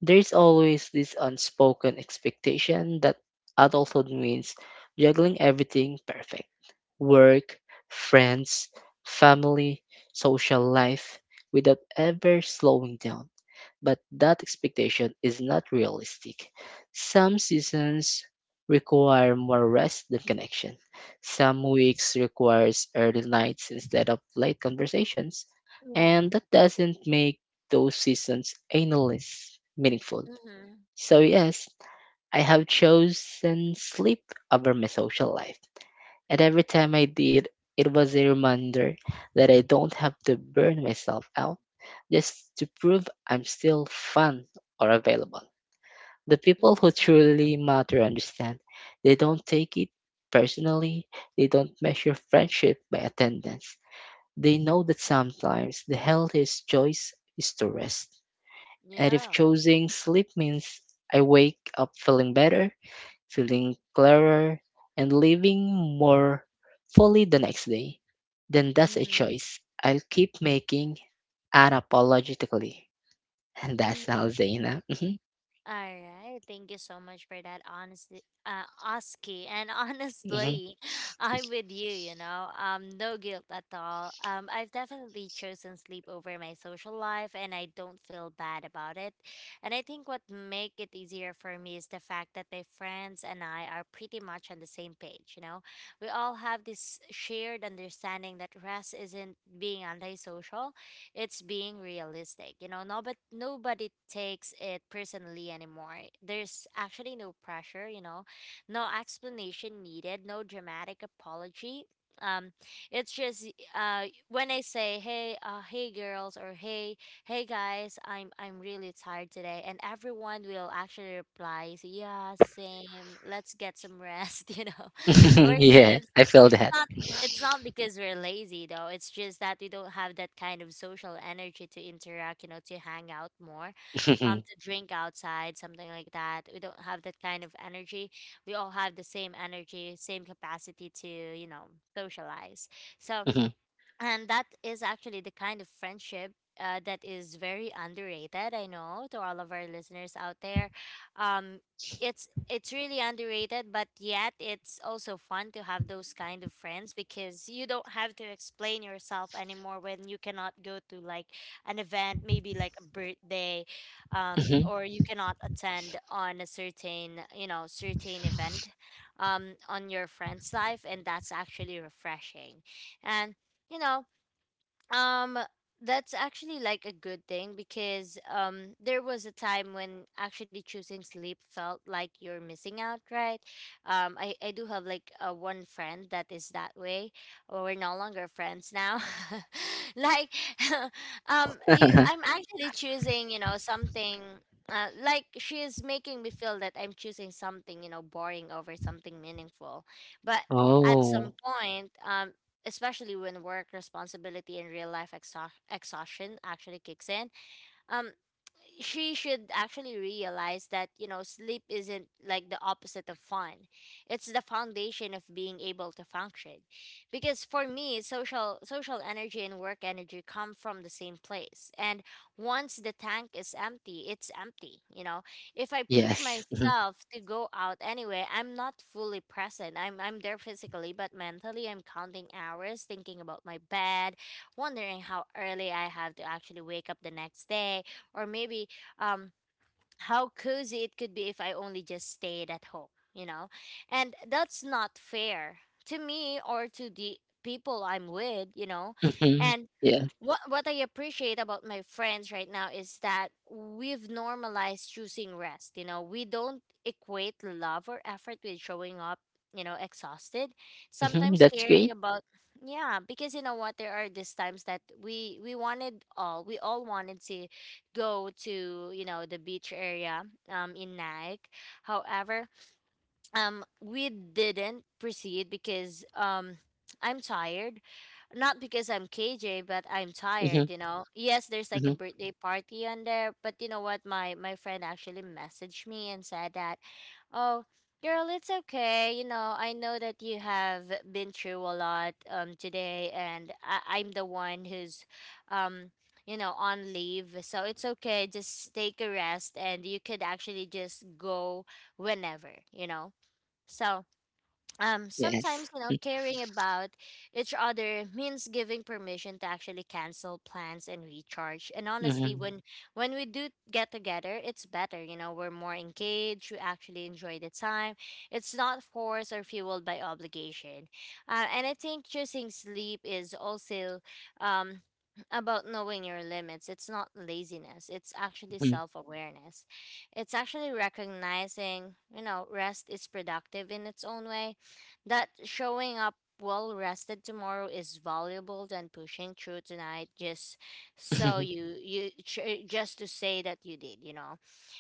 [SPEAKER 2] There's always this unspoken expectation that adulthood means juggling everything perfect work, friends, family, social life without ever slowing down. But that expectation is not realistic. Some seasons require more rest than connection. Some weeks requires early nights instead of late conversations,
[SPEAKER 1] Yeah.
[SPEAKER 2] and that doesn't make those seasons endless meaningful.
[SPEAKER 1] Mm-hmm.
[SPEAKER 2] So yes, I have chosen sleep over my social life. And every time I did, it was a reminder that I don't have to burn myself out just to prove I'm still fun or available. The people who
[SPEAKER 1] Mm-hmm.
[SPEAKER 2] truly matter understand. They don't take it personally, they don't measure friendship by attendance. They know that sometimes the healthiest choice is to rest. And if
[SPEAKER 1] Yeah.
[SPEAKER 2] choosing sleep means I wake up feeling better, feeling clearer, and living more fully the next day, then that's a choice I'll keep making unapologetically. And that
[SPEAKER 1] Mm-hmm.
[SPEAKER 2] sounds Zaina. Hmm.
[SPEAKER 1] All right, thank you so much for that honesty, Oski. And
[SPEAKER 2] Hmm.
[SPEAKER 1] honestly, I'm with you. You know, no guilt at all. I've definitely chosen sleep over my social life, and I don't feel bad about it. And I think what make it easier for me is the fact that my friends and I are pretty much on the same page. You know, we all have this shared understanding that rest isn't being antisocial, it's being realistic. You know, no, but nobody takes it personally anymore. There's actually no pressure, you know, no explanation needed, no dramatic apology. Um, it's just when I say, "Hey, hey guys, I'm really tired today," and everyone will actually reply, "Yeah, same. Let's get some rest, you know. " or are
[SPEAKER 2] Yeah, I feel that.
[SPEAKER 1] It's not because we're lazy though. It's just that we don't have that kind of social energy to interact, you know, to hang out more, to drink outside, something like that. We don't have that kind of energy. We all have the same energy, same capacity to, you know, socialize. So,
[SPEAKER 2] Mhm,
[SPEAKER 1] and that is actually the kind of friendship, that is very underrated. I know to all of our listeners out there, um, it's really underrated, but yet it's also fun to have those kind of friends, because you don't have to explain yourself anymore when you cannot go to like an event, maybe like a birthday,
[SPEAKER 2] mhm, mhm.
[SPEAKER 1] or you cannot attend on a certain, you know, certain event, on your friend's life, and that's actually refreshing. And, you know, um, that's actually like a good thing, because there was a time when actually choosing sleep felt like you're missing out, right? I do have like a one friend that is that way, or we're no longer friends now. like, I'm actually choosing, you know, something. Like, she is making me feel that I'm choosing something, you know, boring over something meaningful. But at some
[SPEAKER 2] Oh,
[SPEAKER 1] point, especially when work responsibility and real life exhaustion actually kicks in. Um, she should actually realize that, you know, sleep isn't like the opposite of fun, it's the foundation of being able to function, because for me, social energy and work energy come from the same place, and once the tank is empty, it's empty, you know. If I push
[SPEAKER 2] yes. Mhm,
[SPEAKER 1] myself to go out anyway, I'm not fully present. I'm there physically, but mentally I'm counting hours, thinking about my bed, wondering how early I have to actually wake up the next day, or maybe um how cozy it could be if I only just stayed at home, you know? And that's not fair to me or to the people I'm with, you know?
[SPEAKER 2] mhm,
[SPEAKER 1] And
[SPEAKER 2] yes.
[SPEAKER 1] what I appreciate about my friends right now is that we've normalized choosing rest. You know, we don't equate love or effort with showing up, you know, exhausted.
[SPEAKER 2] Hmm.
[SPEAKER 1] Sometimes
[SPEAKER 2] That's
[SPEAKER 1] caring
[SPEAKER 2] great.
[SPEAKER 1] about, yeah, because you know what, there are these times that we all wanted to go to, you know, the beach area in Nike. However, we didn't proceed because I'm tired. Not because I'm KJ, but I'm
[SPEAKER 2] Hmm.
[SPEAKER 1] tired, you know. Yes, there's like a
[SPEAKER 2] Hmm.
[SPEAKER 1] birthday party on there, but you know what? My friend actually messaged me and said that, "Oh, girl, it's okay. You know, I know that you have been through a lot today, and I'm the one who's um you know, on leave. So it's okay. Just take a rest and you could actually just go whenever, you know." So
[SPEAKER 2] Yes.
[SPEAKER 1] sometimes you know caring about each other means giving permission to actually cancel plans and recharge. And honestly,
[SPEAKER 2] Hmm.
[SPEAKER 1] when we do get together, it's better, you know, we're more engaged, we actually enjoy the time. It's not forced or fueled by obligation. And I think choosing sleep is also um, about knowing your limits. It's not laziness, it's actually
[SPEAKER 2] Hmm.
[SPEAKER 1] self-awareness. It's actually recognizing, you know, rest is productive in its own way, that showing up well rested tomorrow is valuable than pushing through tonight just so just to say that you did, you know.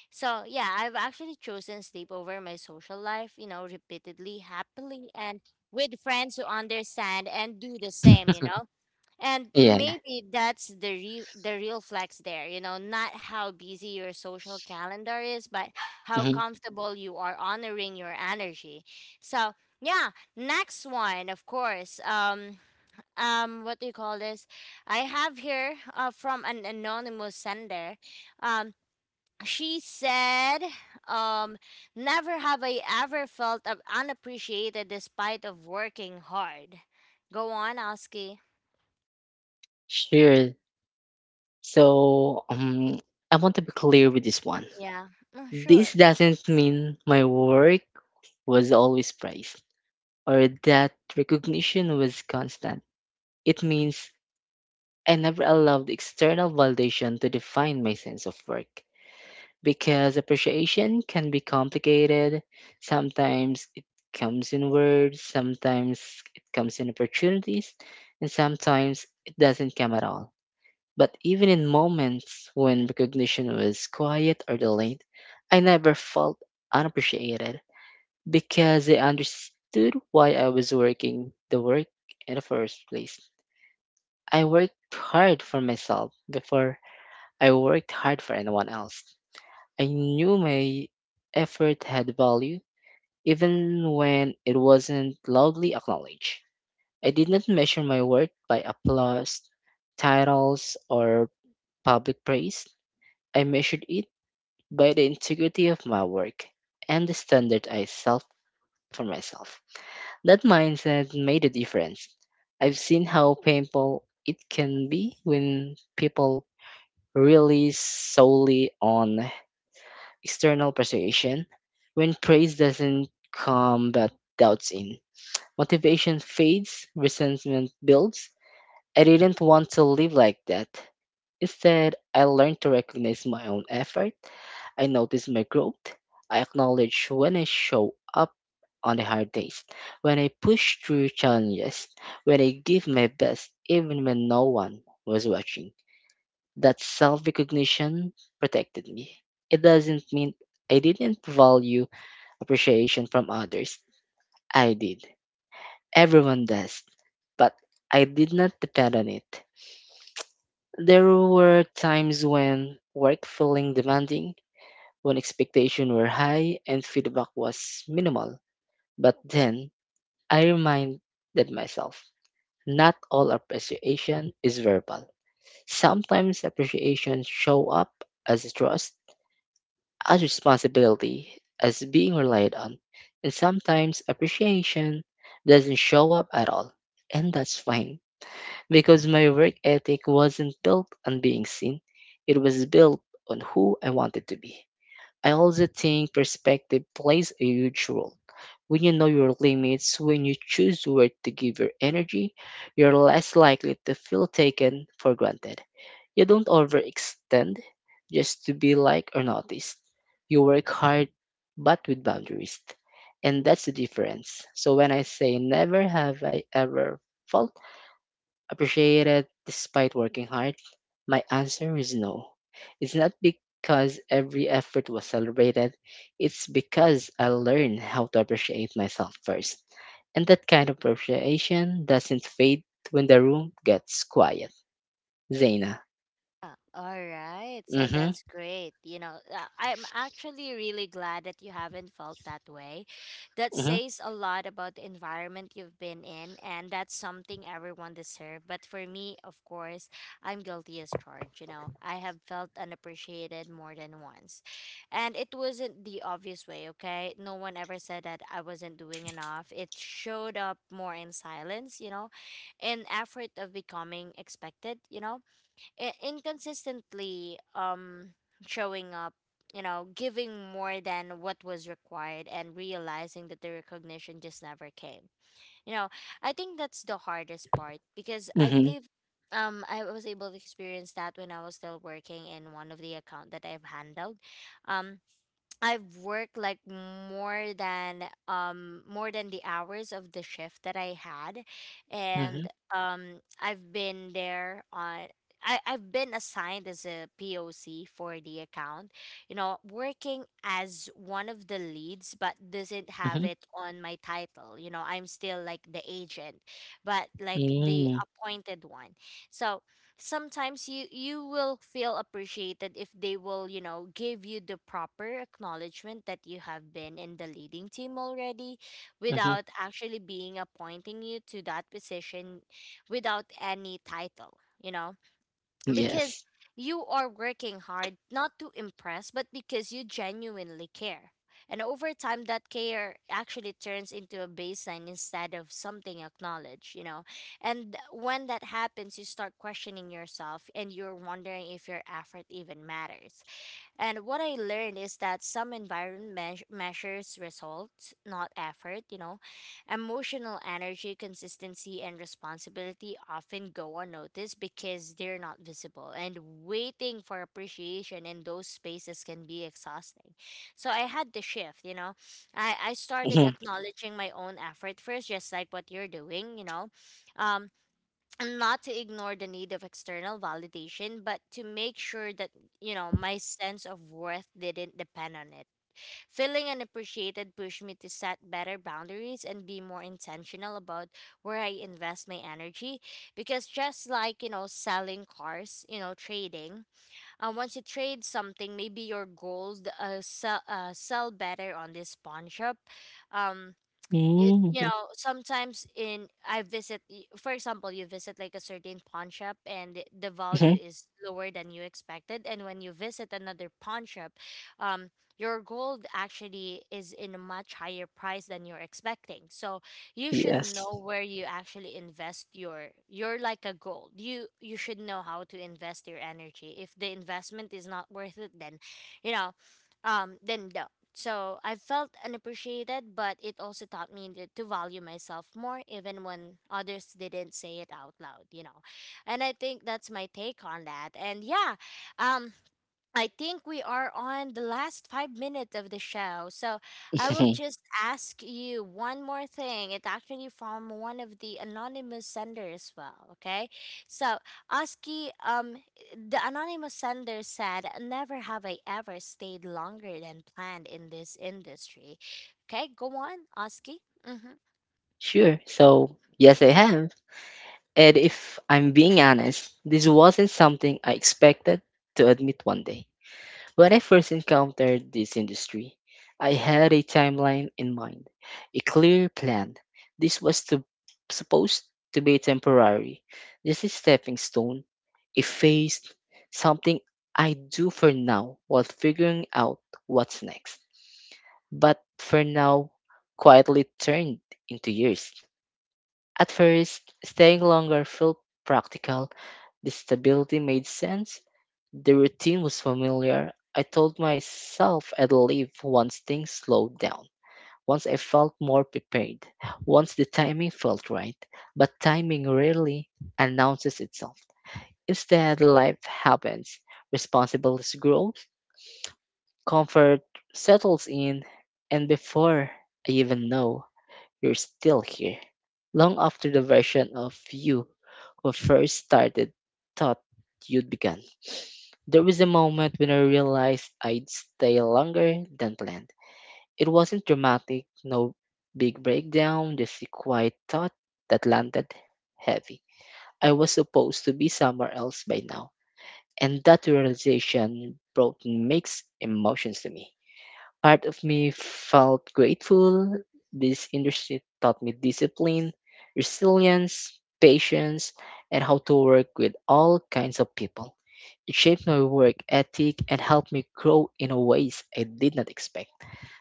[SPEAKER 1] So yeah, I've actually chosen sleep over my social life, you know, repeatedly, happily, and with friends who understand and do the same, you know. And
[SPEAKER 2] Yeah.
[SPEAKER 1] maybe that's the real flex there, you know, not how busy your social calendar is, but how
[SPEAKER 2] Hmm.
[SPEAKER 1] comfortable you are honoring your energy. So, yeah, next one, of course. What do you call this? I have here from an anonymous sender. Um she said um never have I ever felt unappreciated despite of working hard. Go on, Oski.
[SPEAKER 2] Sure. So, I want to be clear with this one.
[SPEAKER 1] Yeah, mm,
[SPEAKER 2] This
[SPEAKER 1] sure.
[SPEAKER 2] doesn't mean my work was always praised or that recognition was constant. It means I never allowed external validation to define my sense of work because appreciation can be complicated. Sometimes it comes in words, sometimes it comes in opportunities, and sometimes it doesn't come at all. But even in moments when recognition was quiet or delayed, I never felt unappreciated, because they understood why I was working the work in the first place. I worked hard for myself before I worked hard for anyone else. I knew my effort had value, even when it wasn't loudly acknowledged. I did not measure my worth by applause, titles, or public praise. I measured it by the integrity of my work and the standard I set for myself. That mindset made a difference. I've seen how painful it can be when people rely solely on external persuasion, when praise doesn't come but doubts in. Motivation fades, resentment builds. I didn't want to live like that. Instead, I learned to recognize my own effort. I notice my growth. I acknowledge when I show up on the hard days, when I push through challenges, when I give my best even when no one was watching. That self recognition protected me. It doesn't mean I didn't value appreciation from others. I did. Everyone does. But I did not depend on it. There were times when work feeling demanding, when expectations were high and feedback was minimal. But then I reminded myself, not all appreciation is verbal. Sometimes appreciation show up as trust, as responsibility, as being relied on. And sometimes appreciation doesn't show up at all. And that's fine because my work ethic wasn't built on being seen, it was built on who I wanted to be. I also think perspective plays a huge role. When you know your limits, when you choose where to give your energy, you're less likely to feel taken for granted. You don't overextend just to be liked or noticed. You work hard, but with boundaries. And that's the difference. So when I say never have I ever felt appreciate it despite working hard? My answer is no. It's not because every effort was celebrated, it's because I learned how to appreciate myself first. And that kind of appreciation doesn't fade when the room gets quiet. Zaina.
[SPEAKER 1] All right. So
[SPEAKER 2] Mm-hmm.
[SPEAKER 1] that's great. You know, I'm actually really glad that you haven't felt that way. That
[SPEAKER 2] Mm-hmm.
[SPEAKER 1] says a lot about the environment you've been in, and that's something everyone deserves. But for me, of course, I'm guilty as charged. You know, I have felt unappreciated more than once. And it wasn't the obvious way, okay? No one ever said that I wasn't doing enough. It showed up more in silence, you know, in effort of becoming expected, you know, inconsistently showing up, you know, giving more than what was required and realizing that the recognition just never came, you know. I think that's the hardest part because I
[SPEAKER 2] Mm-hmm.
[SPEAKER 1] believe I was able to experience that when I was still working in one of the account that I've handled. um I've worked like more than the hours of the shift that I had. And
[SPEAKER 2] Mm-hmm.
[SPEAKER 1] I've been there on I've been assigned as a POC for the account, you know, working as one of the leads, but doesn't have
[SPEAKER 2] Mm-hmm.
[SPEAKER 1] it on my title. You know, I'm still like the agent, but like the
[SPEAKER 2] Mm-hmm.
[SPEAKER 1] appointed one. So sometimes you will feel appreciated if they will, you know, give you the proper acknowledgement that you have been in the leading team already,
[SPEAKER 2] Mm-hmm.
[SPEAKER 1] without actually being appointing you to that position, without any title, you know. Because
[SPEAKER 2] Yes.
[SPEAKER 1] you are working hard not to impress but because you genuinely care, and over time that care actually turns into a baseline instead of something acknowledged, you know. And when that happens, you start questioning yourself and you're wondering if your effort even matters. And what I learned is that some environment measures results, not effort, you know. Emotional energy, consistency, and responsibility often go unnoticed because they're not visible. And waiting for appreciation in those spaces can be exhausting. So I had the shift, you know. I started
[SPEAKER 2] Mm-hmm.
[SPEAKER 1] acknowledging my own effort first, just like what you're doing, you know. Um, and not to ignore the need of external validation, but to make sure that, you know, my sense of worth didn't depend on it. Feeling unappreciated pushed me to set better boundaries and be more intentional about where I invest my energy. Because just like, you know, selling cars, you know, trading, once you trade something, maybe your goals sell, sell better on this pawn shop. Um, it, you
[SPEAKER 2] Mm-hmm.
[SPEAKER 1] know, sometimes in I visit y- for example, you visit like a certain pawn shop and the
[SPEAKER 2] Mm-hmm.
[SPEAKER 1] value is lower than you expected, and when you visit another pawn shop, um your gold actually is in a much higher price than you're expecting. So you should
[SPEAKER 2] Yes.
[SPEAKER 1] know where you actually invest your like a gold. You should know how to invest your energy. If the investment is not worth it, then you know, than doubt. So I felt unappreciated, but it also taught me that to value myself more, even when others didn't say it out loud, you know. And I think that's my take on that. And yeah, um, I think we are on the last 5 minutes of the show. So I will just ask you one more thing. It's actually from one of the anonymous sender as well. Okay. So Oski, the anonymous sender said, never have I ever stayed longer than planned in this industry. Okay, go on, Oski. Mm-hmm.
[SPEAKER 2] Sure. So yes, I have. And if I'm being honest, this wasn't something I expected to admit one day. When I first encountered this industry, I had a timeline in mind, a clear plan. This was supposed to be temporary, just a stepping stone, a phase, something I do for now while figuring out what's next. But for now, quietly turned into years. At first, staying longer felt practical. The stability made sense. The routine was familiar. I told myself I'd leave once things slowed down, once I felt more prepared, once the timing felt right. But timing rarely announces itself. Instead, life happens, responsibilities grow, comfort settles in, and before I even know, you're still here, long after the version of you who first started thought you'd begun. There was a moment when I realized I'd stay longer than planned. It wasn't dramatic, no big breakdown, just a quiet thought that landed heavy. I was supposed to be somewhere else by now. And that realization brought mixed emotions to me. Part of me felt grateful. This industry taught me discipline, resilience, patience, and how to work with all kinds of people. It shaped my work ethic and helped me grow in a ways I did not expect,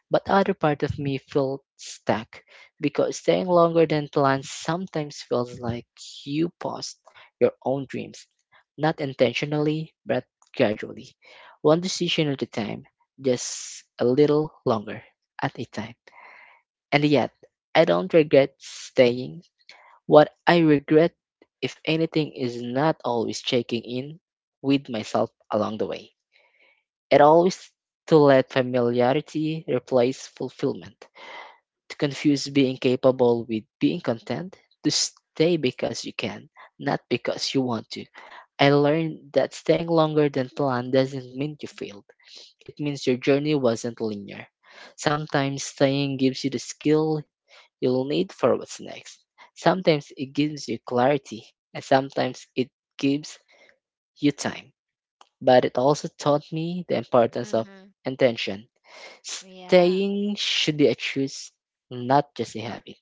[SPEAKER 2] but other part of me felt stuck because staying longer than planned sometimes feels like you paused your own dreams, not intentionally, but gradually, one decision at a time, just a little longer at a time. And yet, I don't regret staying. What I regret, if anything, is not always checking in with myself along the way. It always to let familiarity replace fulfillment to confuse being capable with being content, to stay because you can, not because you want to. I learned that staying longer than planned doesn't mean you failed. It means your journey wasn't linear. Sometimes staying gives you the skill you'll need for what's next. Sometimes it gives you clarity, and sometimes it gives you time. But it also taught me the importance of
[SPEAKER 1] Mm-hmm.
[SPEAKER 2] intention.
[SPEAKER 1] Yeah.
[SPEAKER 2] Staying should be a choice, not just a habit.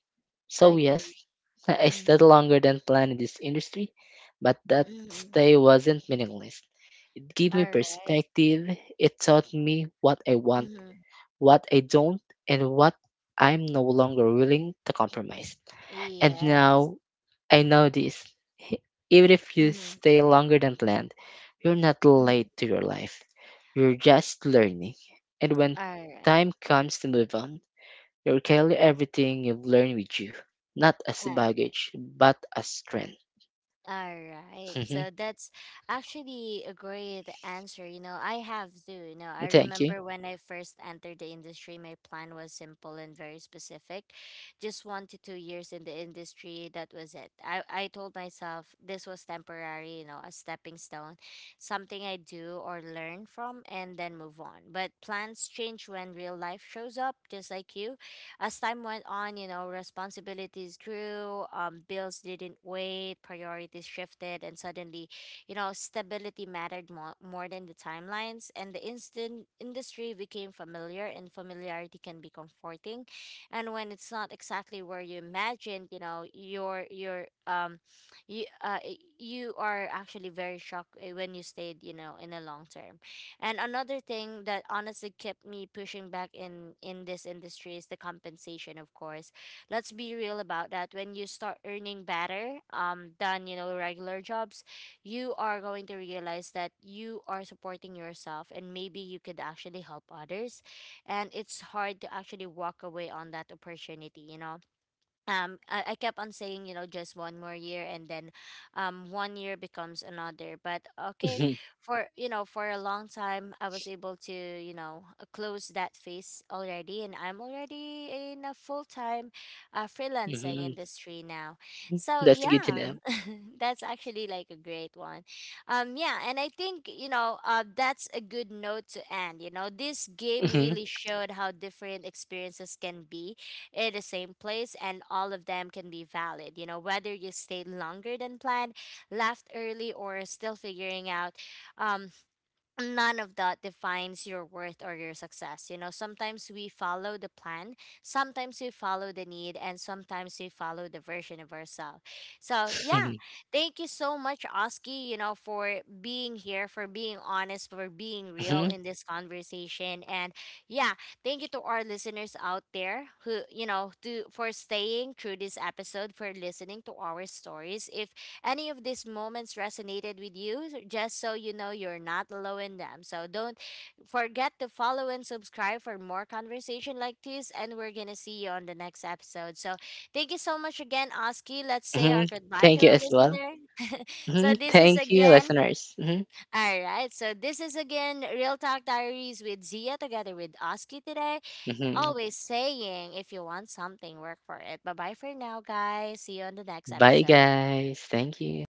[SPEAKER 2] So,
[SPEAKER 1] I
[SPEAKER 2] yes,
[SPEAKER 1] agree.
[SPEAKER 2] I stayed longer than planned in this industry, but that
[SPEAKER 1] Mm-hmm.
[SPEAKER 2] stay wasn't meaningless. It gave me
[SPEAKER 1] All right.
[SPEAKER 2] perspective, it taught me what I want,
[SPEAKER 1] Mm-hmm.
[SPEAKER 2] what I don't, and what I'm no longer willing to compromise. And
[SPEAKER 1] Yes.
[SPEAKER 2] now I know this. H- Even if you
[SPEAKER 1] Mm-hmm.
[SPEAKER 2] stay longer than planned, you're not late to your life. You're just learning. And when
[SPEAKER 1] All right.
[SPEAKER 2] time comes to move on, you'll carry everything you've learned with you, not as
[SPEAKER 1] All right.
[SPEAKER 2] baggage, but as strength.
[SPEAKER 1] All right.
[SPEAKER 2] Hmm.
[SPEAKER 1] So that's actually a great answer. You know, I have too. You know, I
[SPEAKER 2] Thank you.
[SPEAKER 1] remember when I first entered the industry, my plan was simple and very specific. Just 1 to 2 years in the industry, that was it. I told myself this was temporary, you know, a stepping stone, something I do or learn from and then move on. But plans change when real life shows up, just like you. As time went on, you know, responsibilities grew, bills didn't wait, priorities shifted, and suddenly, you know, stability mattered more, more than the timelines. And the instant industry became familiar, and familiarity can be comforting. And when it's not exactly where you imagined, you know, you uh, you are actually very shocked when you stayed, you know, in the long term. And another thing that honestly kept me pushing back in this industry is the compensation, of course. Let's be real about that. When you start earning better, than you know regular jobs, you are going to realize that you are supporting yourself, and maybe you could actually help others. And it's hard to actually walk away on that opportunity, you know. I kept on saying, you know, just one more year, and then one year becomes another. But okay, for you know, for a long time I was able to, you know, close that phase already, and I'm already in a full-time freelancing
[SPEAKER 2] Hmm.
[SPEAKER 1] industry now. So
[SPEAKER 2] That's good to know.
[SPEAKER 1] yeah. That's actually like a great one. Yeah, and I think you know, that's a good note to end. You know, this game
[SPEAKER 2] Hmm.
[SPEAKER 1] really showed how different experiences can be in the same place, and all of them can be valid. You know, whether you stayed longer than planned, left early, or still figuring out, um, none of that defines your worth or your success. You know, sometimes we follow the plan, sometimes we follow the need, and sometimes we follow the version of ourselves. So, yeah, thank you so much, Oski, you know, for being here, for being honest, for being real
[SPEAKER 2] Hmm.
[SPEAKER 1] in this conversation. And yeah, thank you to our listeners out there who, you know, to for staying through this episode, for listening to our stories. If any of these moments resonated with you, just so you know, you're not alone in them. So don't forget to follow and subscribe for more conversation like this. And we're going to see you on the next episode. So thank you so much again, Oski. Let's say
[SPEAKER 2] Hmm.
[SPEAKER 1] our goodbye to
[SPEAKER 2] Thank you
[SPEAKER 1] our
[SPEAKER 2] as well.
[SPEAKER 1] listener.
[SPEAKER 2] Hmm.
[SPEAKER 1] So this is
[SPEAKER 2] Thank you,
[SPEAKER 1] again,
[SPEAKER 2] listeners. Hmm.
[SPEAKER 1] all right. So this is again Real Talk Diaries with Zia, together with Oski today.
[SPEAKER 2] Hmm.
[SPEAKER 1] Always saying, if you want something, work for it. Bye bye for now, guys. See you on the next
[SPEAKER 2] Bye,
[SPEAKER 1] episode.
[SPEAKER 2] guys. Thank you.